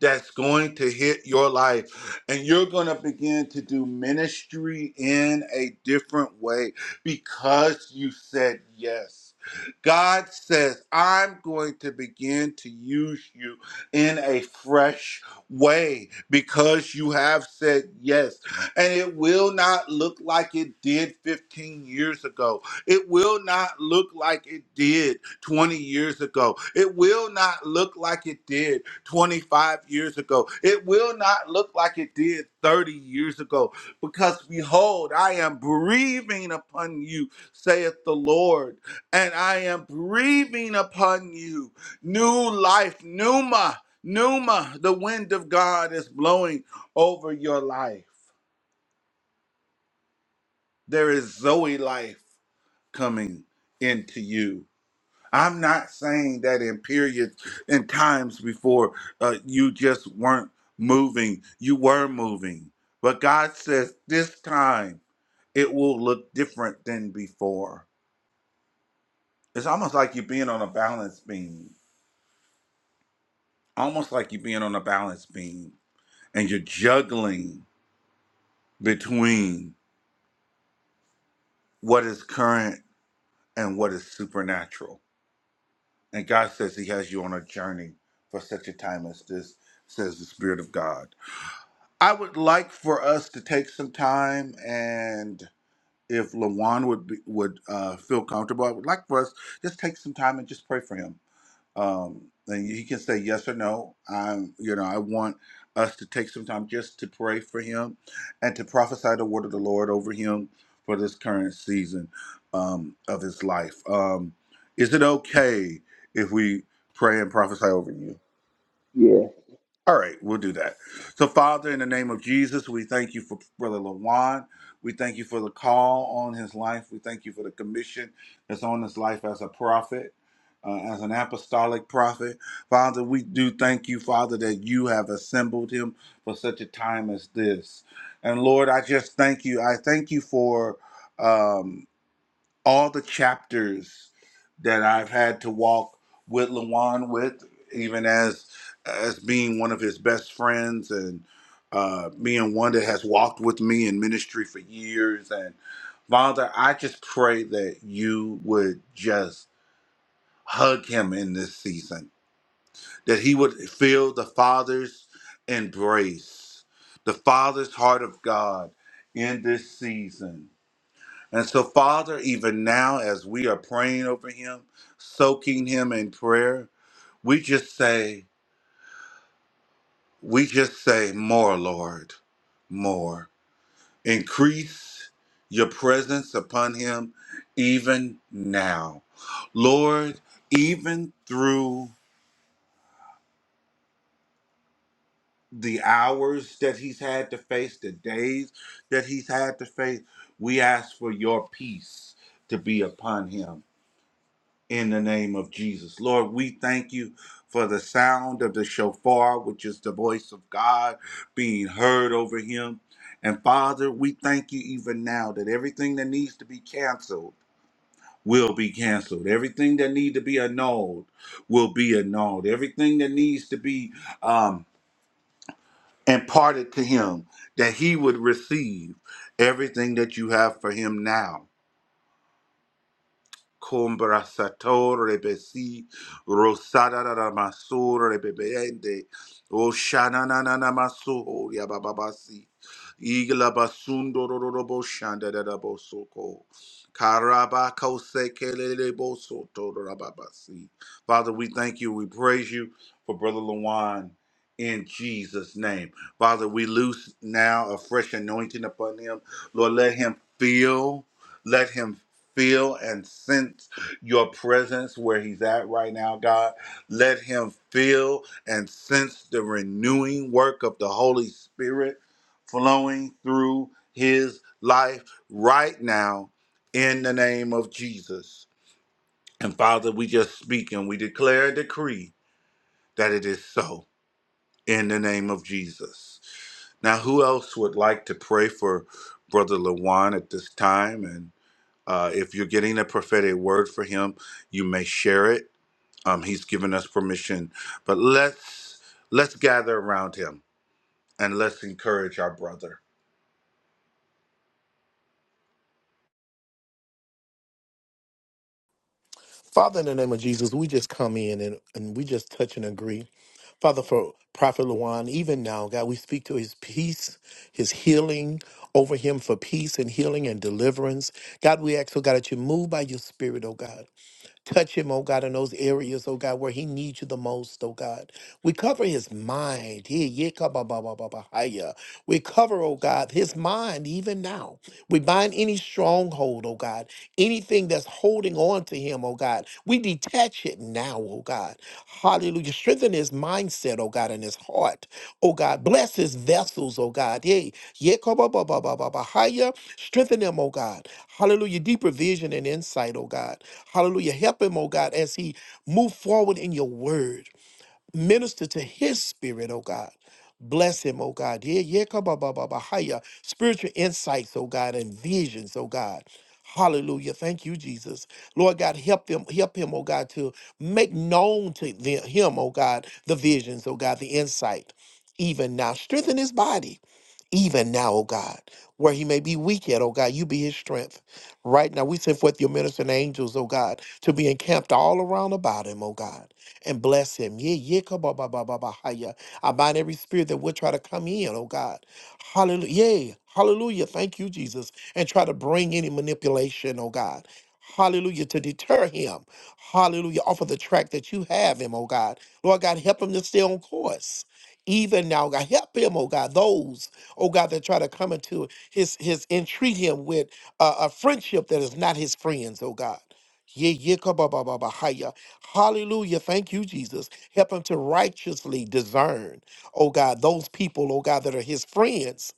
A: that's going to hit your life. And you're going to begin to do ministry in a different way because you said yes. God says, I'm going to begin to use you in a fresh way because you have said yes. And it will not look like it did 15 years ago. It will not look like it did 20 years ago. It will not look like it did 25 years ago. It will not look like it did 30 years ago, because behold, I am breathing upon you, saith the Lord, and I am breathing upon you new life, pneuma, pneuma. The wind of God is blowing over your life. There is Zoe life coming into you. I'm not saying that in periods in times before uh, you just weren't moving, you were moving. But God says this time it will look different than before. It's almost like you're being on a balance beam, almost like you're being on a balance beam and you're juggling between what is current and what is supernatural. And God says He has you on a journey for such a time as this, says the Spirit of God. I would like for us to take some time and if Lawan would be, would uh, feel comfortable, I would like for us just take some time and just pray for him. Um, and he can say yes or no. I'm, you know, I want us to take some time just to pray for him and to prophesy the word of the Lord over him for this current season um, of his life. Um, is it okay if we pray and prophesy over you?
C: Yes.
A: All right, we'll do that. So, Father, in the name of Jesus, we thank you for Brother Lawan. We thank you for the call on his life. We thank you for the commission that's on his life as a prophet, uh, as an apostolic prophet. Father, we do thank you, Father, that you have assembled him for such a time as this. And Lord, I just thank you. I thank you for. Um, all the chapters that I've had to walk with Lawan with, even as as being one of his best friends and uh, being one that has walked with me in ministry for years. And Father, I just pray that you would just hug him in this season, that he would feel the Father's embrace, the Father's heart of God in this season and so, Father, even now as we are praying over him, soaking him in prayer, we just say, we just say, more, Lord, more. Increase your presence upon him even now. Lord, even through the hours that he's had to face, the days that he's had to face, we ask for your peace to be upon him in the name of Jesus. Lord, we thank you for the sound of the shofar, which is the voice of God being heard over him. And Father, we thank you even now that everything that needs to be canceled will be canceled. Everything that needs to be annulled will be annulled. Everything that needs to be um, imparted to him that he would receive everything that you have for him now. Combrasatore besi rosada da da masore bebeende o shana na na na maso ya bababasi igla basundo ro ro ro bo shanda da da bosoko karaba kose kelele boso to ro Father we thank you we praise you for brother Lawan in Jesus name Father we loose now a fresh anointing upon him Lord let him feel let him feel and sense your presence where he's at right now, God. Let him feel and sense the renewing work of the Holy Spirit flowing through his life right now in the name of Jesus. And Father, we just speak and we declare a decree that it is so in the name of Jesus. Now, who else would like to pray for Brother Lawan at this time? and? Uh, if you're getting a prophetic word for him, you may share it. Um, he's given us permission, but let's let's gather around him and let's encourage our brother.
D: Father, in the name of Jesus, we just come in and, and we just touch and agree. Father, for Prophet Luan, even now, God, we speak to his peace, his healing over him for peace and healing and deliverance. God, we ask, oh God, that you move by your spirit, oh God. Touch him, oh God, in those areas, oh God, where he needs you the most, oh God. We cover his mind. He- ye ka ba ba ba ba ba ha ya. We cover, oh God, his mind even now. We bind any stronghold, oh God, anything that's holding on to him, oh God. We detach it now, oh God. Hallelujah. Strengthen his mindset, oh God, and his heart, oh God. Bless his vessels, oh God. Yea, yea, ka ba ba ba ba ba ba higher. Strengthen them, oh God. Hallelujah. Deeper vision and insight, oh God. Hallelujah. Help him, oh God, as he move forward in your word. Minister to his spirit, oh God. Bless him, oh God. Yeah, yeah, come on, ba, ba, ba, hiya. Spiritual insights, oh God, and visions, oh God. Hallelujah. Thank you, Jesus. Lord God, help them, help him, oh God, to make known to the- him, oh God, the visions, oh God, the insight. Even now, strengthen his body even now, oh God, where he may be weak yet, oh God, you be his strength. Right now, we send forth your ministering angels, oh God, to be encamped all around about him, oh God, and bless him. Yeah, yeah, come on, ba, ba, ba, ba, hi, yeah. I bind every spirit that would try to come in, oh God. Hallelujah. Yeah, hallelujah. Thank you, Jesus. And try to bring any manipulation, oh God. Hallelujah, to deter him. Hallelujah, off of the track that you have him, oh God. Lord God, help him to stay on course even now, God. Help him, oh God, those oh God, that try to come into his his entreat him with uh, a friendship that is not his friends, oh God. Yeah, yeah, ka ba ba ba ba hi ya. Hallelujah. Thank you, Jesus. Help him to righteously discern, oh God, those people, oh God, that are his friends.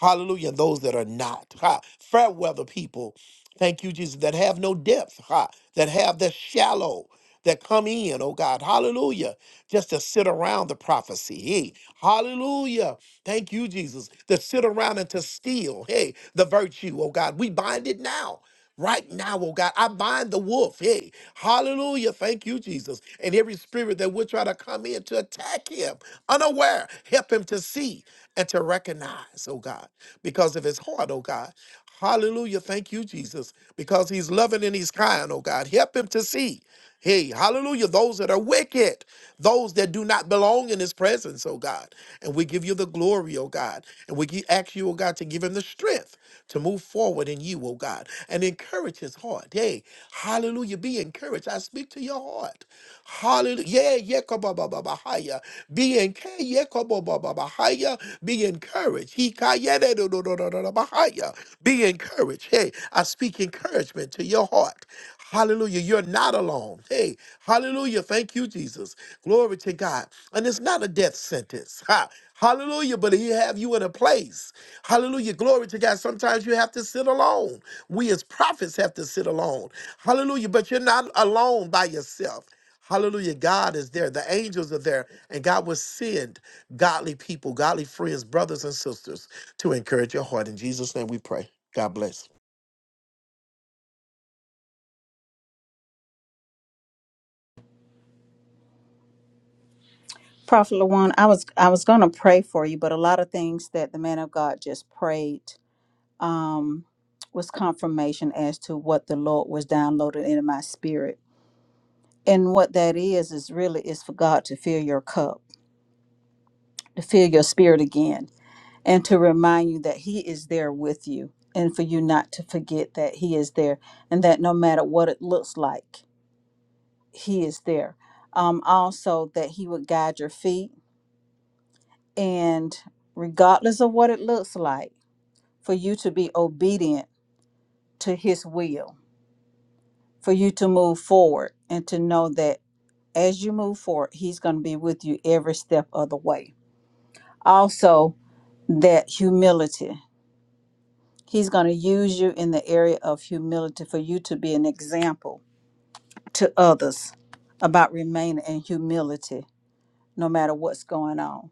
D: Hallelujah. And those that are not. Ha. Fair weather people. Thank you, Jesus, that have no depth, ha, that have the shallow, that come in, oh God. Hallelujah. Just to sit around the prophecy. Hey, hallelujah. Thank you, Jesus, to sit around and to steal, hey, the virtue, oh God. We bind it now. Right now, oh God, I bind the wolf. Hey, hallelujah. Thank you, Jesus. And every spirit that would try to come in to attack him unaware, help him to see and to recognize, oh God, because of his heart, oh God. Hallelujah. Thank you, Jesus, because he's loving and he's kind, oh God. Help him to see. Hey, hallelujah. Those that are wicked, those that do not belong in his presence, oh God. And we give you the glory, oh God. And we gi- ask you, oh God, to give him the strength to move forward in you, oh God, and encourage his heart. Hey, hallelujah. Be encouraged. I speak to to your heart. Hallelujah. Yeah, yeah, kabababahaya. Be encouraged. Yeah, kabababahaya. Be encouraged. He ka- yeah, da- da- da- da- da- da- da- bahaya. Be encouraged. Hey, I speak encouragement to your heart. Hallelujah. You're not alone. Hey, hallelujah. Thank you, Jesus. Glory to God. And it's not a death sentence. Ha. Hallelujah. But he have you in a place. Hallelujah. Glory to God. Sometimes you have to sit alone. We as prophets have to sit alone. Hallelujah. But you're not alone by yourself. Hallelujah. God is there. The angels are there. And God will send godly people, godly friends, brothers and sisters to encourage your heart. In Jesus' name we pray. God bless.
F: Prophet Lawan, I was I was gonna pray for you, but a lot of things that the man of God just prayed um, was confirmation as to what the Lord was downloaded into my spirit. And what that is is really is for God to fill your cup to feel your spirit again and to remind you that He is there with you and for you not to forget that He is there and that no matter what it looks like, He is there. Um, also, that He would guide your feet and regardless of what it looks like, for you to be obedient to His will, for you to move forward and to know that as you move forward, He's going to be with you every step of the way. Also, that humility He's going to use you in the area of humility for you to be an example to others about remaining in humility no matter what's going on.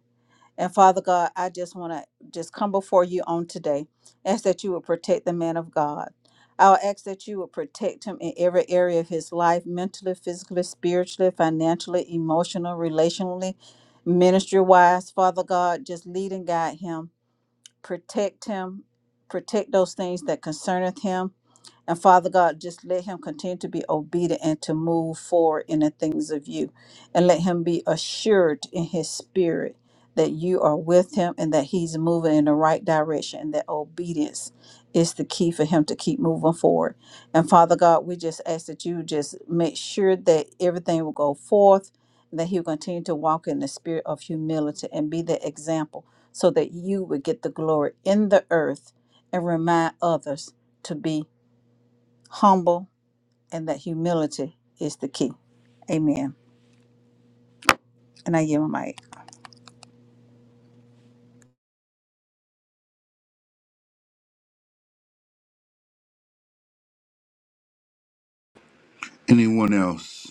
F: And Father God, I just want to just come before you on today. Ask that you would protect the man of God. I'll ask that you would protect him in every area of his life mentally, physically, spiritually, financially, emotionally, relationally, ministry wise. Father God, just lead and guide him, protect him, protect those things that concerneth him and Father God, just let him continue to be obedient and to move forward in the things of you. And let him be assured in his spirit that you are with him and that he's moving in the right direction and that obedience is the key for him to keep moving forward. And Father God, we just ask that you just make sure that everything will go forth, and that he'll continue to walk in the spirit of humility and be the example so that you would get the glory in the earth and remind others to be humble and that humility is the key. Amen. And I yield my mic.
A: Anyone else?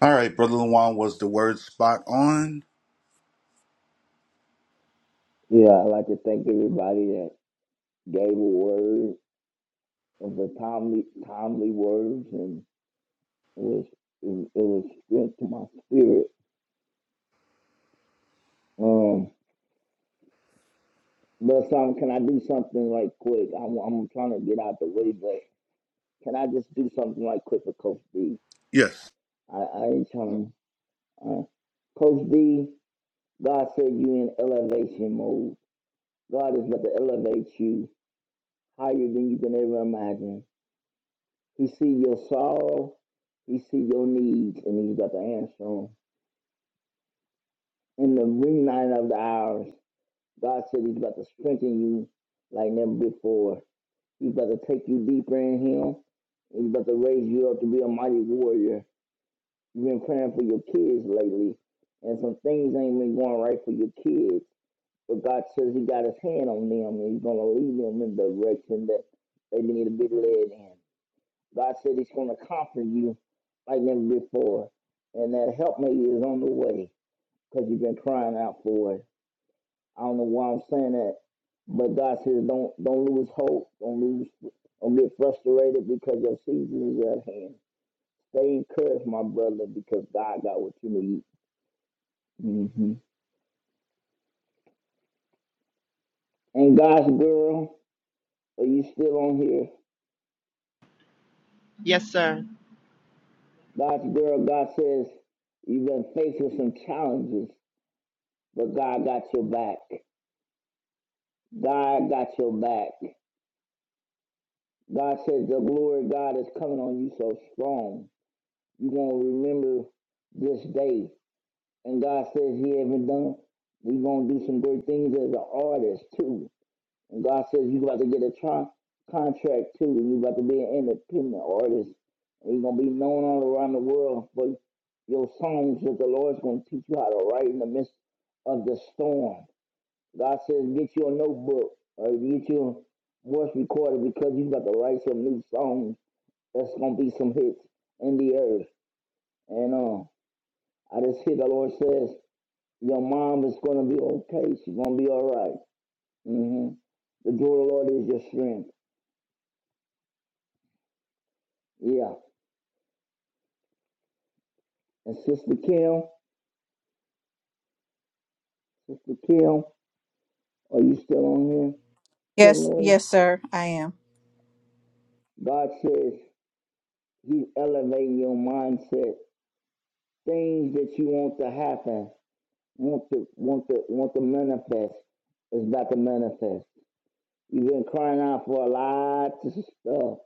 A: All right, brother Luan, was the word spot on?
C: Yeah, I'd like to thank everybody that gave a word of the timely timely words and it was it, it was strength to my spirit. Um But son, can I do something like quick? I'm, I'm trying to get out the way, but can I just do something like quick for Coach D?
A: Yes.
C: I, I ain't trying to. Uh, Coach D, God said you in elevation mode. God is about to elevate you higher than you can ever imagine. He see your sorrow, he see your needs, and he's about to answer them. In the midnight of the hours, God said he's about to strengthen you like never before. He's about to take you deeper in Him. He's about to raise you up to be a mighty warrior. You've been praying for your kids lately, and some things ain't been going right for your kids. But God says He got His hand on them, and He's going to lead them in the direction that they need to be led in. God said He's going to comfort you like never before, and that helpmate is on the way because you've been crying out for it. I don't know why I'm saying that, but God says don't don't lose hope, don't lose, don't get frustrated because your season is at hand. Stay encouraged, my brother, because God got what you need. hmm And God's girl, are you still on here?
B: Yes, sir.
C: God's girl, God says you've been faced with some challenges, but God got your back. God got your back. God says the glory of God is coming on you so strong. You're gonna remember this day and God says He haven't done it, we gonna do some great things as an artist too. And God says you about to get a tron- contract too, and you about to be an independent artist, and you're gonna be known all around the world for your songs that the Lord's gonna teach you how to write in the midst of the storm. God says get you a notebook or get your voice recorder because you about to write some new songs that's gonna be some hits in the earth. And uh, I just hear the Lord says. Your mom is gonna be okay. She's gonna be all right. Mm-hmm. The joy of the Lord is your strength. Yeah. And Sister Kim, Sister Kim, are you still on here?
F: Yes,
C: Kimberly,
F: yes, sir, I am.
C: God says He's elevating your mindset. Things that you want to happen, want to want to want to manifest, is about to manifest. You've been crying out for a lot of stuff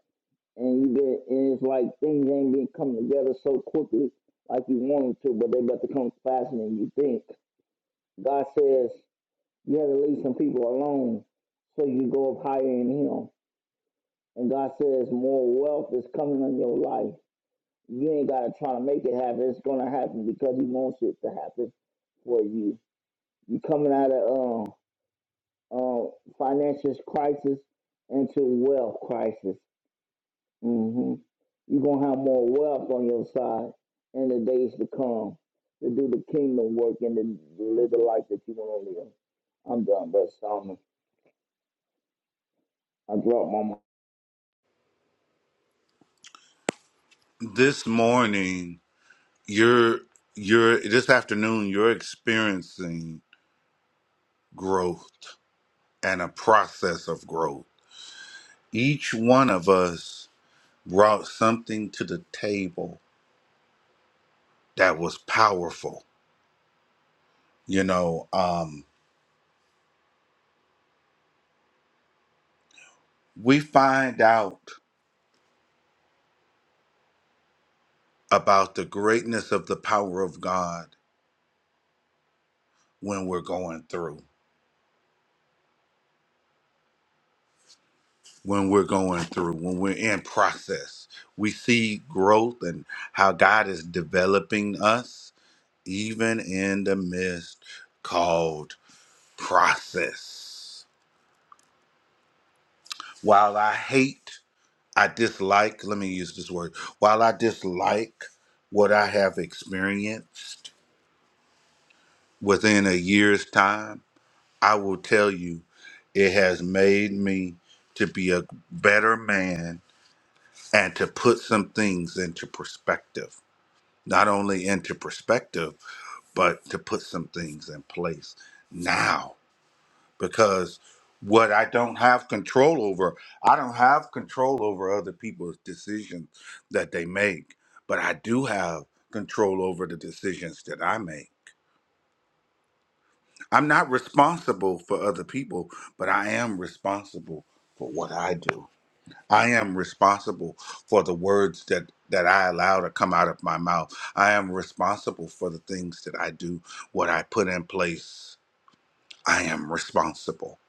C: and you been, and it's like things ain't been coming together so quickly like you wanted to, but they about to come faster than you think. God says you have to leave some people alone so you go up higher in Him. And God says more wealth is coming on your life. You ain't gotta try to make it happen. It's gonna happen because He wants it to happen for you. You coming out of um uh, uh, financial crisis into wealth crisis. hmm You're going to have more wealth on your side in the days to come to do the kingdom work and to live the life that you want to live. I'm done, but Solomon, I dropped my mic.
A: This morning, you're you're this afternoon, you're experiencing growth and a process of growth. Each one of us brought something to the table that was powerful You know, um, we find out about the greatness of the power of God when we're going through, when we're going through, when we're in process. We see growth and how God is developing us, even in the midst called process. While I hate, I dislike, let me use this word, while I dislike what I have experienced within a year's time, I will tell you, it has made me to be a better man and to put some things into perspective. Not only into perspective, but to put some things in place now. Because what I don't have control over, I don't have control over other people's decisions that they make, but I do have control over the decisions that I make. I'm not responsible for other people, but I am responsible for what I do. I am responsible for the words that, that I allow to come out of my mouth. I am responsible for the things that I do, what I put in place. I am responsible.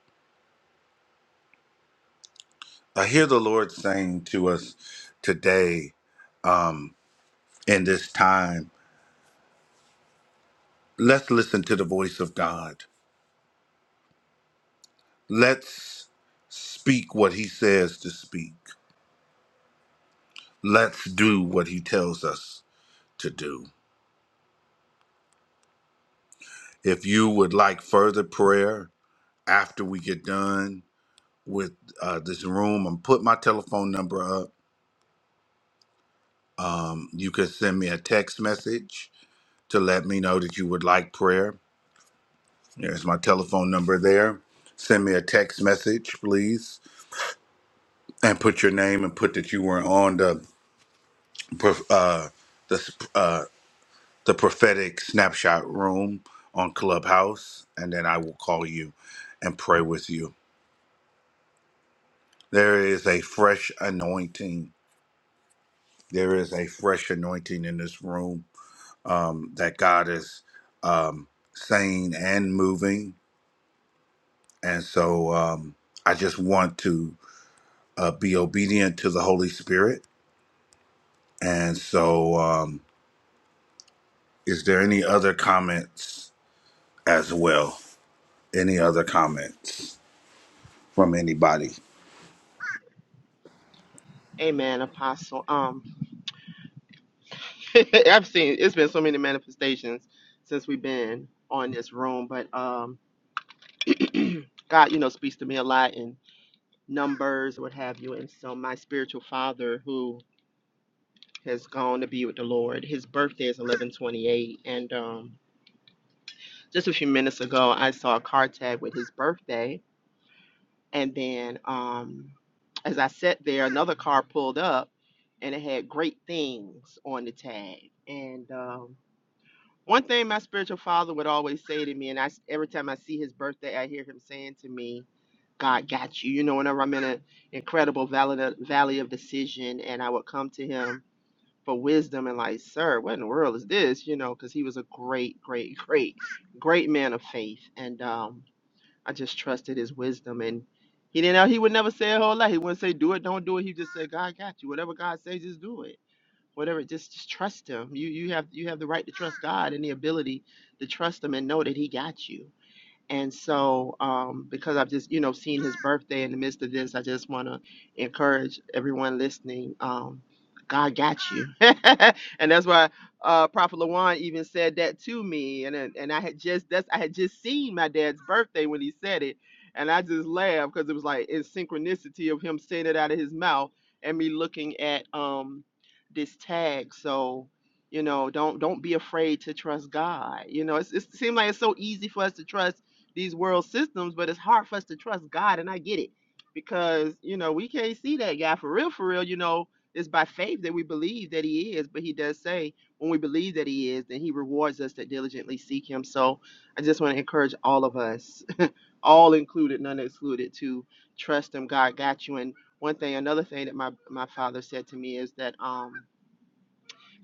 A: I hear the Lord saying to us today um, in this time let's listen to the voice of God. Let's speak what He says to speak. Let's do what He tells us to do. If you would like further prayer after we get done with uh, this room, I'm put my telephone number up. Um, you can send me a text message to let me know that you would like prayer. There's my telephone number there. Send me a text message, please, and put your name and put that you were on the pro- uh, the uh, the prophetic snapshot room on Clubhouse, and then I will call you and pray with you There is a fresh anointing. There is a fresh anointing in this room um, that God is um, saying and moving. And so um, I just want to uh, be obedient to the Holy Spirit. And so, um, is there any other comments as well? Any other comments from anybody?
B: Amen, Apostle. Um, I've seen it's been so many manifestations since we've been on this room, but um, God, you know, speaks to me a lot in numbers, what have you. And so my spiritual father, who has gone to be with the Lord, his birthday is eleven twenty eight, and um, just a few minutes ago, I saw a car tag with his birthday, and then um, as I sat there, another car pulled up, and it had great things on the tag, and um One thing my spiritual father would always say to me, and I s- every time I see his birthday, I hear him saying to me, "God got you." You know, whenever I'm in an incredible valley of, valley of decision, and I would come to him for wisdom and like, "Sir, what in the world is this?" You know, because he was a great, great, great, great man of faith, and um, I just trusted his wisdom. And he didn't know he would never say a whole lot. He wouldn't say, "Do it, don't do it." He just said, "God got you. Whatever God says, just do it." whatever just just trust him you you have you have the right to trust god and the ability to trust him and know that he got you and so, um, because I've just, you know, seen his birthday in the midst of this, I just want to encourage everyone listening. Um, God got you, and that's why uh, Prophet Lawan even said that to me, and then- and I had just that's I had just seen my dad's birthday when he said it, and I just laughed because it was like in synchronicity of him saying it out of his mouth and me looking at um this tag. So you know, don't don't be afraid to trust God. You know, it's, it seems like it's so easy for us to trust these world systems, but it's hard for us to trust God, and I get it because you know we can't see that guy for real, for real. You know, it's by faith that we believe that He is, but He does say when we believe that He is, then He rewards us that diligently seek Him. So I just want to encourage all of us, all included, none excluded, to trust Him. God got you. And one thing, another thing that my my father said to me is that um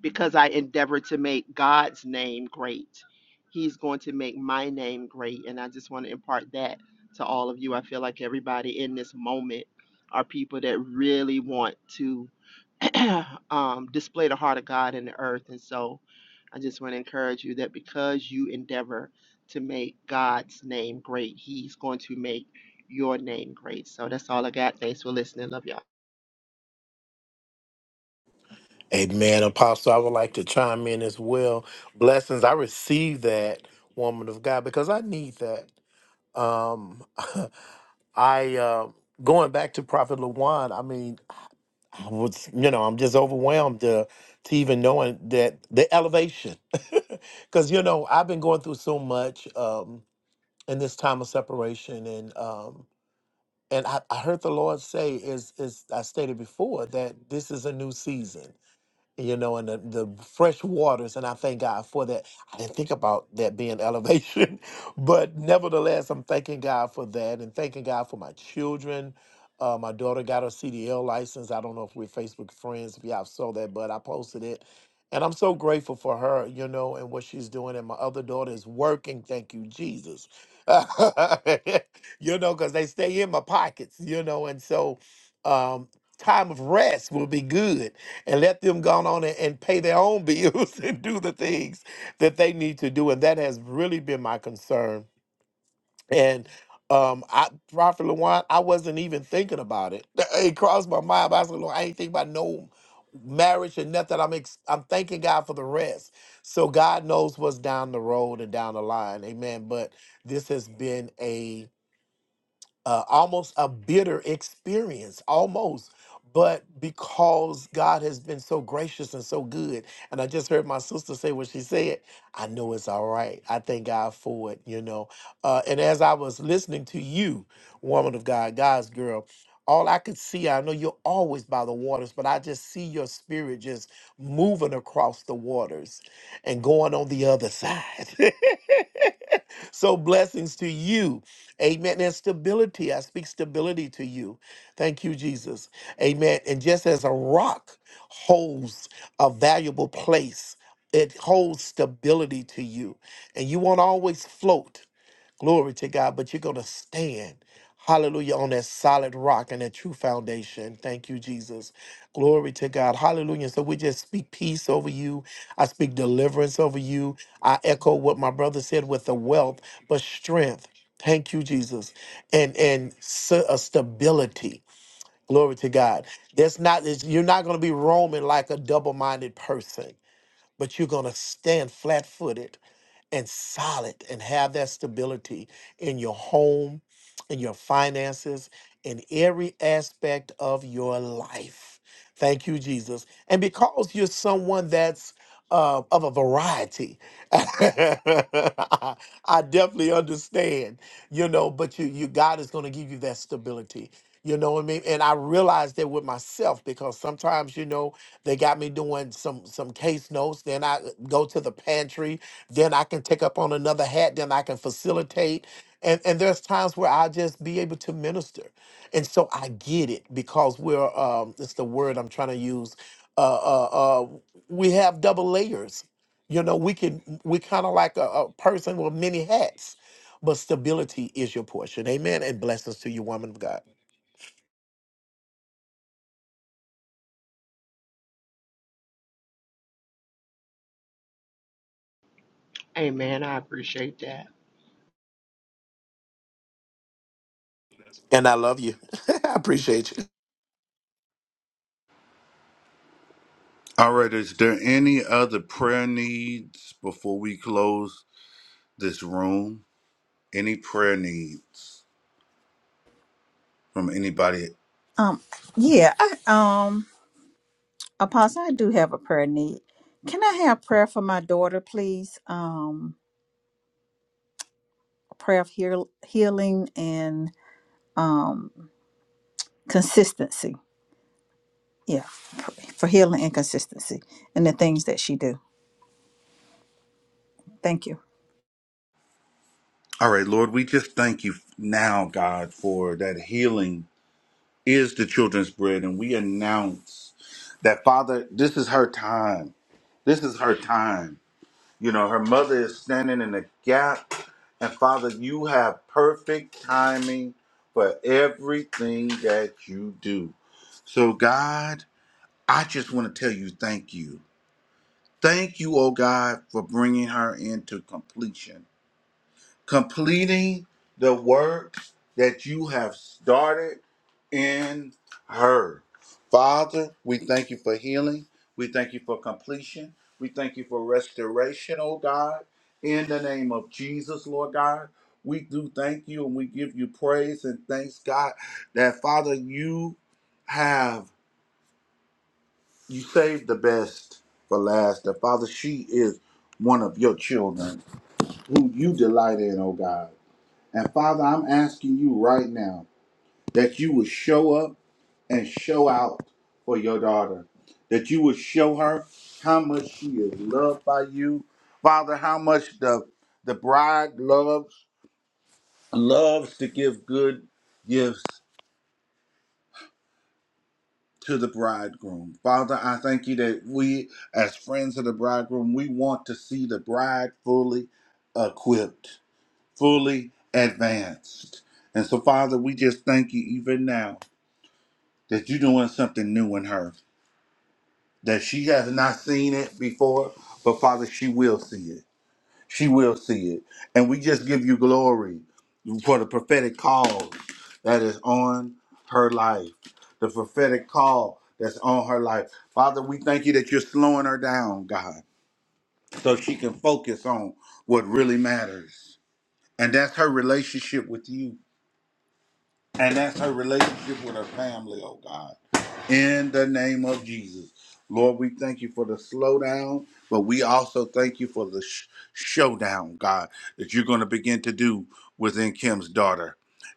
B: because I endeavor to make God's name great. He's going to make my name great. And I just want to impart that to all of you. I feel like everybody in this moment are people that really want to um, display the heart of God in the earth. And so I just want to encourage you that because you endeavor to make God's name great, He's going to make your name great. So that's all I got. Thanks for listening. Love y'all.
D: Amen. Apostle, I would like to chime in as well. Blessings. I receive that, woman of God, because I need that. Um I uh going back to Prophet Lawan, I mean, I was, you know, I'm just overwhelmed to, to even knowing that the elevation, because you know I've been going through so much um, in this time of separation, and um, and I, I heard the Lord say, is is I stated before that this is a new season, you know, and the, the fresh waters. And I thank God for that. I didn't think about that being elevation, but nevertheless, I'm thanking God for that and thanking God for my children. Uh, my daughter got her CDL license. I don't know if we're Facebook friends, if y'all saw that, but I posted it. And I'm so grateful for her, you know, and what she's doing. And my other daughter is working. Thank you, Jesus. you know, because they stay in my pockets, you know, and so um, time of rest will be good and let them go on and, and pay their own bills and do the things that they need to do. And that has really been my concern. And um, I, Prophet Lawan, I wasn't even thinking about it. It crossed my mind. But I said, Lord, I ain't thinking about no marriage and nothing. I'm ex- I'm thanking God for the rest. So God knows what's down the road and down the line. Amen. But this has been a uh, almost a bitter experience, almost. But because God has been so gracious and so good, and I just heard my sister say what she said, I know it's all right. I thank God for it, you know. Uh, and as I was listening to you, woman of God, God's girl, all I could see, I know you're always by the waters, but I just see your spirit just moving across the waters and going on the other side. so blessings to you. Amen. And stability. I speak stability to you. Thank you, Jesus. Amen. And just as a rock holds a valuable place, it holds stability to you. And you won't always float. Glory to God. But you're going to stand, hallelujah, on that solid rock and that true foundation. Thank you, Jesus. Glory to God. Hallelujah. So we just speak peace over you. I speak deliverance over you. I echo what my brother said with the wealth, but strength. Thank you, Jesus, and and s- uh, stability. Glory to God. That's not it's- you're not going to be roaming like a double-minded person, but you're going to stand flat-footed and solid and have that stability in your home, in your finances, in every aspect of your life. Thank you, Jesus. And because you're someone that's uh, of a variety, I definitely understand you know, but you you God is going to give you that stability. You know what I mean? And I realized that with myself because sometimes, you know, they got me doing some some case notes, then I go to the pantry, then I can take up on another hat, then I can facilitate. And and there's times where I just be able to minister. And so I get it because we're um it's the word I'm trying to use. Uh uh uh we have double layers. You know, we can we kind of like a, a person with many hats but stability is your portion. Amen. And blessings to you, woman of God.
B: Amen. I appreciate that.
D: And I love you. I appreciate you.
A: All right, is there any other prayer needs before we close this room? Any prayer needs? from anybody.
F: Um, yeah, I um Apostle, I do have a prayer need. Can I have prayer for my daughter, please? Um a prayer of heal, healing and um consistency. Yeah, pr- for healing and consistency and the things that she do. Thank you.
A: All right, Lord, we just thank you now, God, for that healing is the children's bread. And we announce that, Father, this is her time. This is her time. You know, her mother is standing in the gap. And Father, you have perfect timing for everything that you do. So, God, I just want to tell you thank you. Thank you, oh God, for bringing her into completion. completing the work that you have started in her. Father, we thank you for healing. We thank you for completion. We thank you for restoration, oh God. In the name of Jesus, Lord God, we do thank you and we give you praise and thanks, God, that Father, you have, you saved the best for last. That Father, she is one of your children who you delight in, oh God. And Father, I'm asking you right now that you would show up and show out for your daughter, that you would show her how much she is loved by you, Father, how much the the bride loves loves to give good gifts to the bridegroom. Father, I thank you that we as friends of the bridegroom, we want to see the bride fully equipped, fully advanced. And so Father, we just thank you even now that you're doing something new in her, that she has not seen it before, but Father, she will see it. She will see it. And we just give you glory for the prophetic call that is on her life, the prophetic call that's on her life. Father, we thank you that you're slowing her down, God, so she can focus on what really matters. And that's her relationship with you And that's her relationship with her family, oh God. In the name of Jesus. Lord, we thank you for the slowdown, but we also thank you for the sh- showdown, God, that you're going to begin to do within Kim's daughter.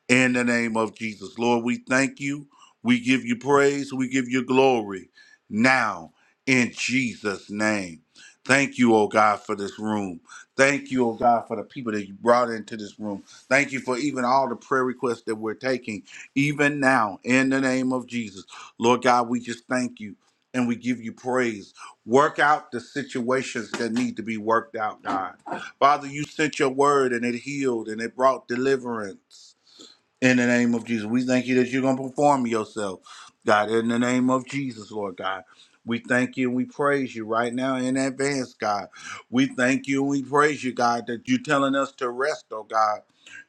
A: In the name of Jesus. Lord, we thank you. We give you praise. We give you glory now in Jesus' name. Thank you, oh God, for this room. Thank you, oh God, for the people that you brought into this room. Thank you for even all the prayer requests that we're taking, even now, in the name of Jesus. Lord God, we just thank you and we give you praise. Work out the situations that need to be worked out, God. Father, you sent your word and it healed and it brought deliverance. In the name of Jesus, we thank you that you're going to perform yourself, God. In the name of Jesus, Lord God. We thank you and we praise you right now in advance, God. We thank you and we praise you, God, that you're telling us to rest, oh God,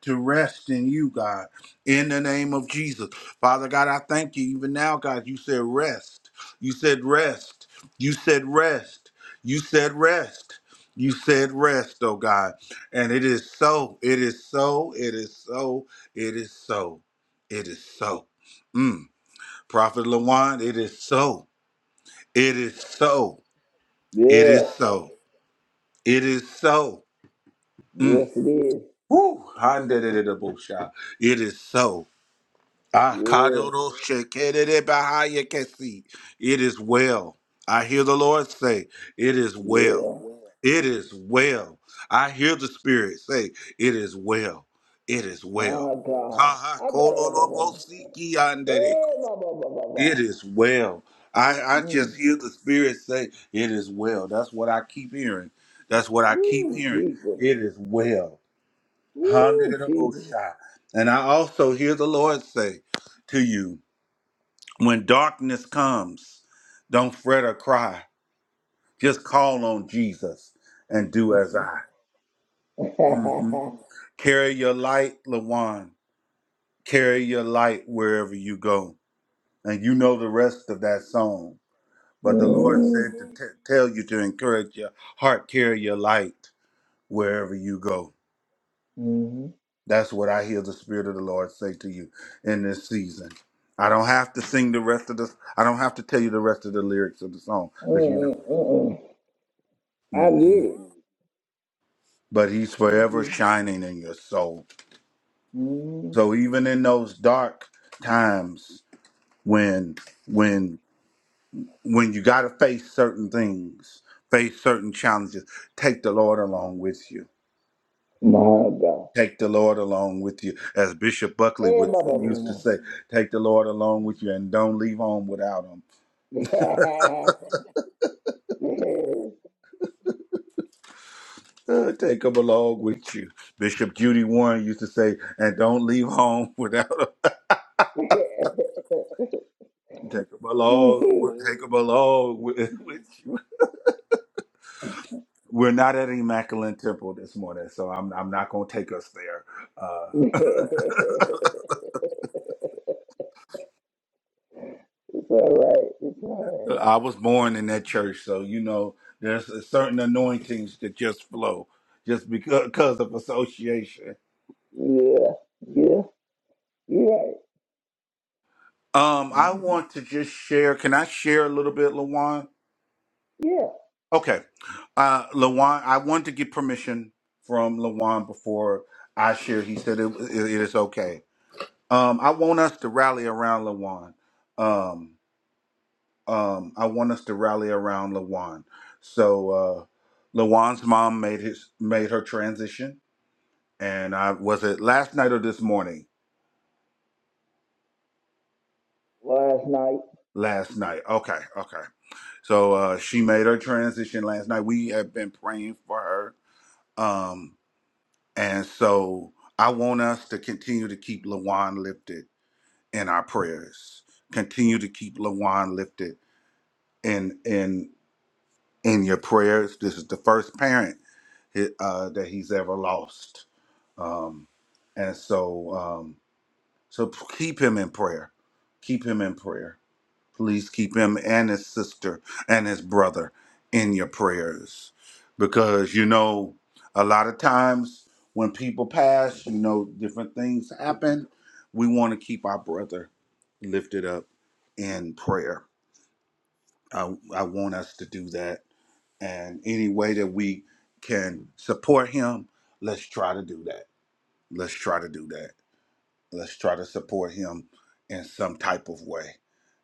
A: to rest in you, God, in the name of Jesus. Father God, I thank you even now, God. You said rest. You said rest. You said rest. You said rest. You said rest, oh God. And it is so. It is so. It is so it is so. It is so. Mm. Prophet Lawan, it is so. It is so. It
C: Yeah,
A: is so. It is so.
C: yes
A: Mm.
C: it is.
A: Woo. Handedididabusha. It is so. Ah,
C: Yeah,
A: kadodoshekedidibahayakesi. It is well. I hear the Lord say, It is well.
C: yeah.
A: It is well. I hear the Spirit say, It is well. It is well.
C: My God.
A: Ha ha.
C: I better. Blah, blah, blah.
A: kololobosiki
C: Eh, blah, blah, blah, blah,
A: It
C: blah.
A: is well. I, I
C: Mm.
A: just hear the Spirit say, It is well. That's what I keep hearing. That's what I keep
C: Woo,
A: hearing.
C: Jesus.
A: It is well.
C: Woo, Jesus.
A: Hallelujah. And I also hear the Lord say to you, When darkness comes, don't fret or cry. Just call on Jesus and do as I. Mhm. Carry your light, Lawan. Carry your light wherever you go. And you know the rest of that song. But the Lord
C: mm-hmm.
A: said to t- tell you to encourage your heart, carry your light wherever you go.
C: Mm-hmm.
A: That's what I hear the Spirit of the Lord say to you in this season. I don't have to sing the rest of the. I don't have to tell you the rest of the lyrics of the song because you know
C: Mm-mm-mm.
A: it.
C: I get
A: hmm
C: it.
A: But He's
C: Thank
A: forever
C: you.
A: shining in your soul.
C: Mm,
A: So even in those dark times when when when you got to face certain things, face certain challenges, take the Lord along with you
C: my God.
A: Take the Lord along with you, as Bishop Buckley
C: Hey, my
A: would, used to
C: Baba.
A: say. Take the Lord along with you, and don't leave home without him. Uh, take him along with you. Bishop Judy Warren used to say, and don't leave home without him. Take him along. with- Take him along with, with you. We're not at Immaculate Temple this morning, so I'm I'm not going to take us there. Uh,
C: it's all right. It's all right.
A: I was born in that church, so you know there's a certain anointings that just flow just because, because of association.
C: Yeah. Yeah. You're right.
A: Um, I
C: Mhm.
A: want to just share. Can I share a little bit, Lawan?
C: Yeah.
A: Okay. Uh, Lawan, I wanted to get permission from Lawan before I share. He said it, it it is okay. Um, I want us to rally around Lawan. Um, um, I want us to rally around Lawan. So, uh, Lawan's mom made his made her transition, and I was it last night or this morning.
C: Last night.
A: last night. Okay, okay. So uh, she made her transition last night. We have been praying for her, um, and so I want us to continue to keep Lawan lifted in our prayers. Continue to keep Lawan lifted in in in your prayers. This is the first parent uh, that he's ever lost, um, and so um, so keep him in prayer. Keep him in prayer Please keep him and his sister and his brother in your prayers. Because, you know, a lot of times when people pass, you know, different things happen. We want to keep our brother lifted up in prayer. I, I want us to do that. And any way that we can support him, let's try to do that. Let's try to do that. Let's try to support him in some type of way.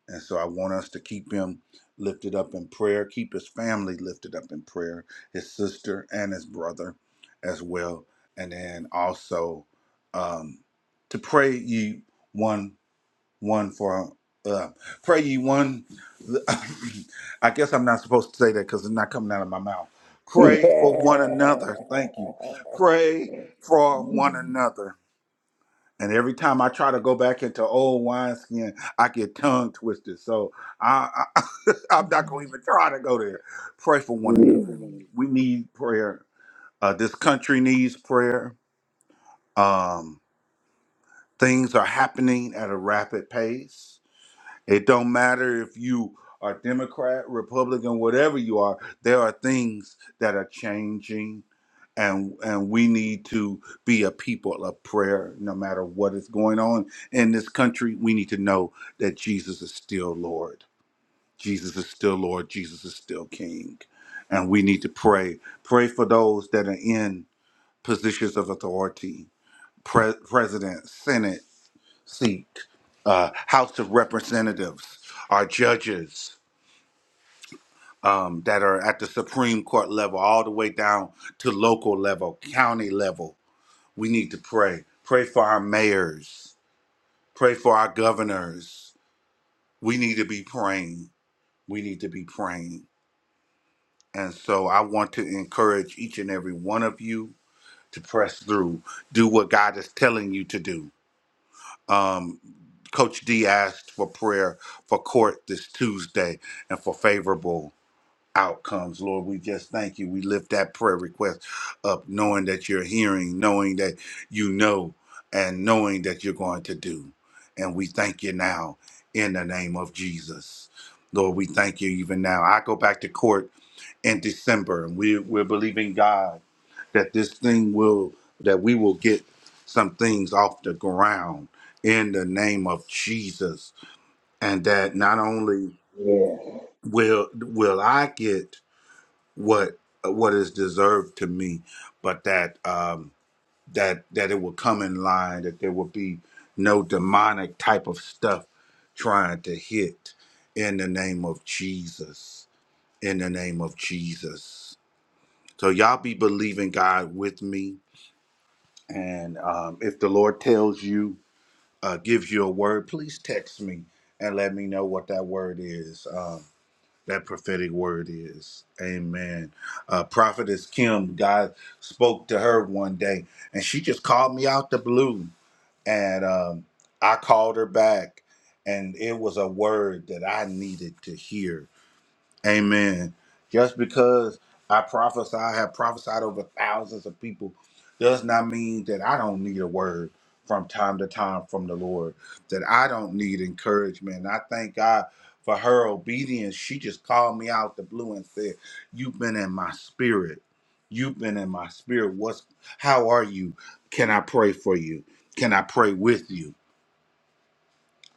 A: And so I want us to keep him lifted up in prayer, keep his family lifted up in prayer, his sister and his brother as well. And then also um, to pray ye one one for uh, pray ye one. I guess I'm not supposed to say that because it's not coming out of my mouth. Pray for one
C: Yeah.
A: another. Thank you. Pray for one another and every time I try to go back into old wineskin, I get tongue twisted. So I, I, I'm not going to even try to go there. Pray for one another.
C: Mhm.
A: We need prayer. Uh, this country needs prayer. Um, things are happening at a rapid pace. It don't matter if you are Democrat, Republican, whatever you are, there are things that are changing and and we need to be a people of prayer no matter what is going on in this country. We need to know that Jesus is still Lord. Jesus is still Lord. Jesus is still King. And we need to pray. Pray for those that are in positions of authority, pre- president, senate, seat, uh, House of Representatives, our judges um, that are at the Supreme Court level, all the way down to local level, county level. We need to pray. Pray for our mayors. Pray for our governors. We need to be praying. We need to be praying. And so I want to encourage each and every one of you to press through. Do what God is telling you to do Um, Coach D asked for prayer for court this Tuesday and for favorable outcomes. Lord, we just thank you. We lift that prayer request up, knowing that you're hearing, knowing that you know, and knowing that you're going to do. And we thank you now in the name of Jesus. Lord, we thank you even now. I go back to court in December, and we, we're believing God that this thing will that we will get some things off the ground in the name of Jesus and that not only
C: yeah.
A: will will I get what what is deserved to me but that um that that it will come in line that there will be no demonic type of stuff trying to hit in the name of Jesus in the name of Jesus so y'all be believing God with me And um, if the Lord tells you, uh, gives you a word, please text me and let me know what that word is, um, that prophetic word is. Amen. Uh, Prophetess Kim, God spoke to her one day and she just called me out the blue. And um, I called her back, and it was a word that I needed to hear Amen. Just because I prophesy, I have prophesied over thousands of people, does not mean that I don't need a word from time to time from the Lord, that I don't need encouragement. And I thank God for her obedience. She just called me out the blue and said, You've been in my spirit. You've been in my spirit. What's how are you? Can I pray for you? Can I pray with you?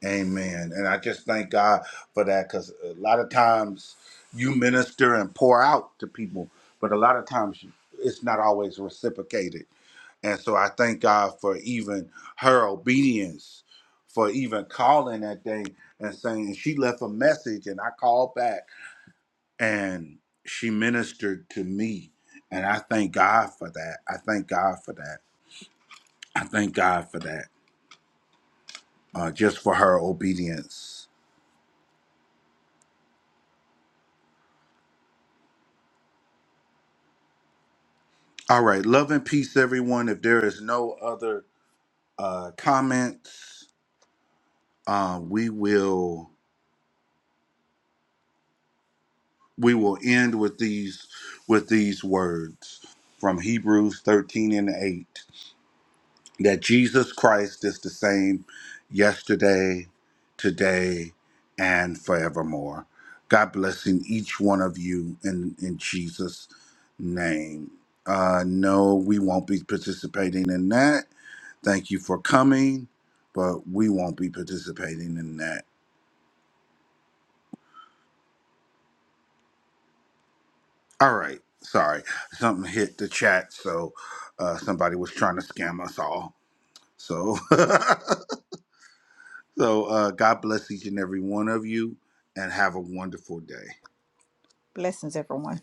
A: Amen. And I just thank God for that because a lot of times you minister and pour out to people, but a lot of times it's not always reciprocated. And so I thank God for even her obedience, for even calling that day and saying, and she left a message and I called back and she ministered to me. And I thank God for that. I thank God for that. I thank God for that, uh, just for her obedience All right. Love and peace, everyone. If there is no other uh, comments, uh, we will we will end with these with these words from Hebrews 13 and 8. that Jesus Christ is the same yesterday, today, and forevermore. God blessing each one of you in, in Jesus' name. Uh, no, we won't be participating in that. Thank you for coming, but we won't be participating in that. All right, sorry. Something hit the chat, so uh, somebody was trying to scam us all. So So uh, God bless each and every one of you, and have a wonderful day.
F: Blessings, everyone.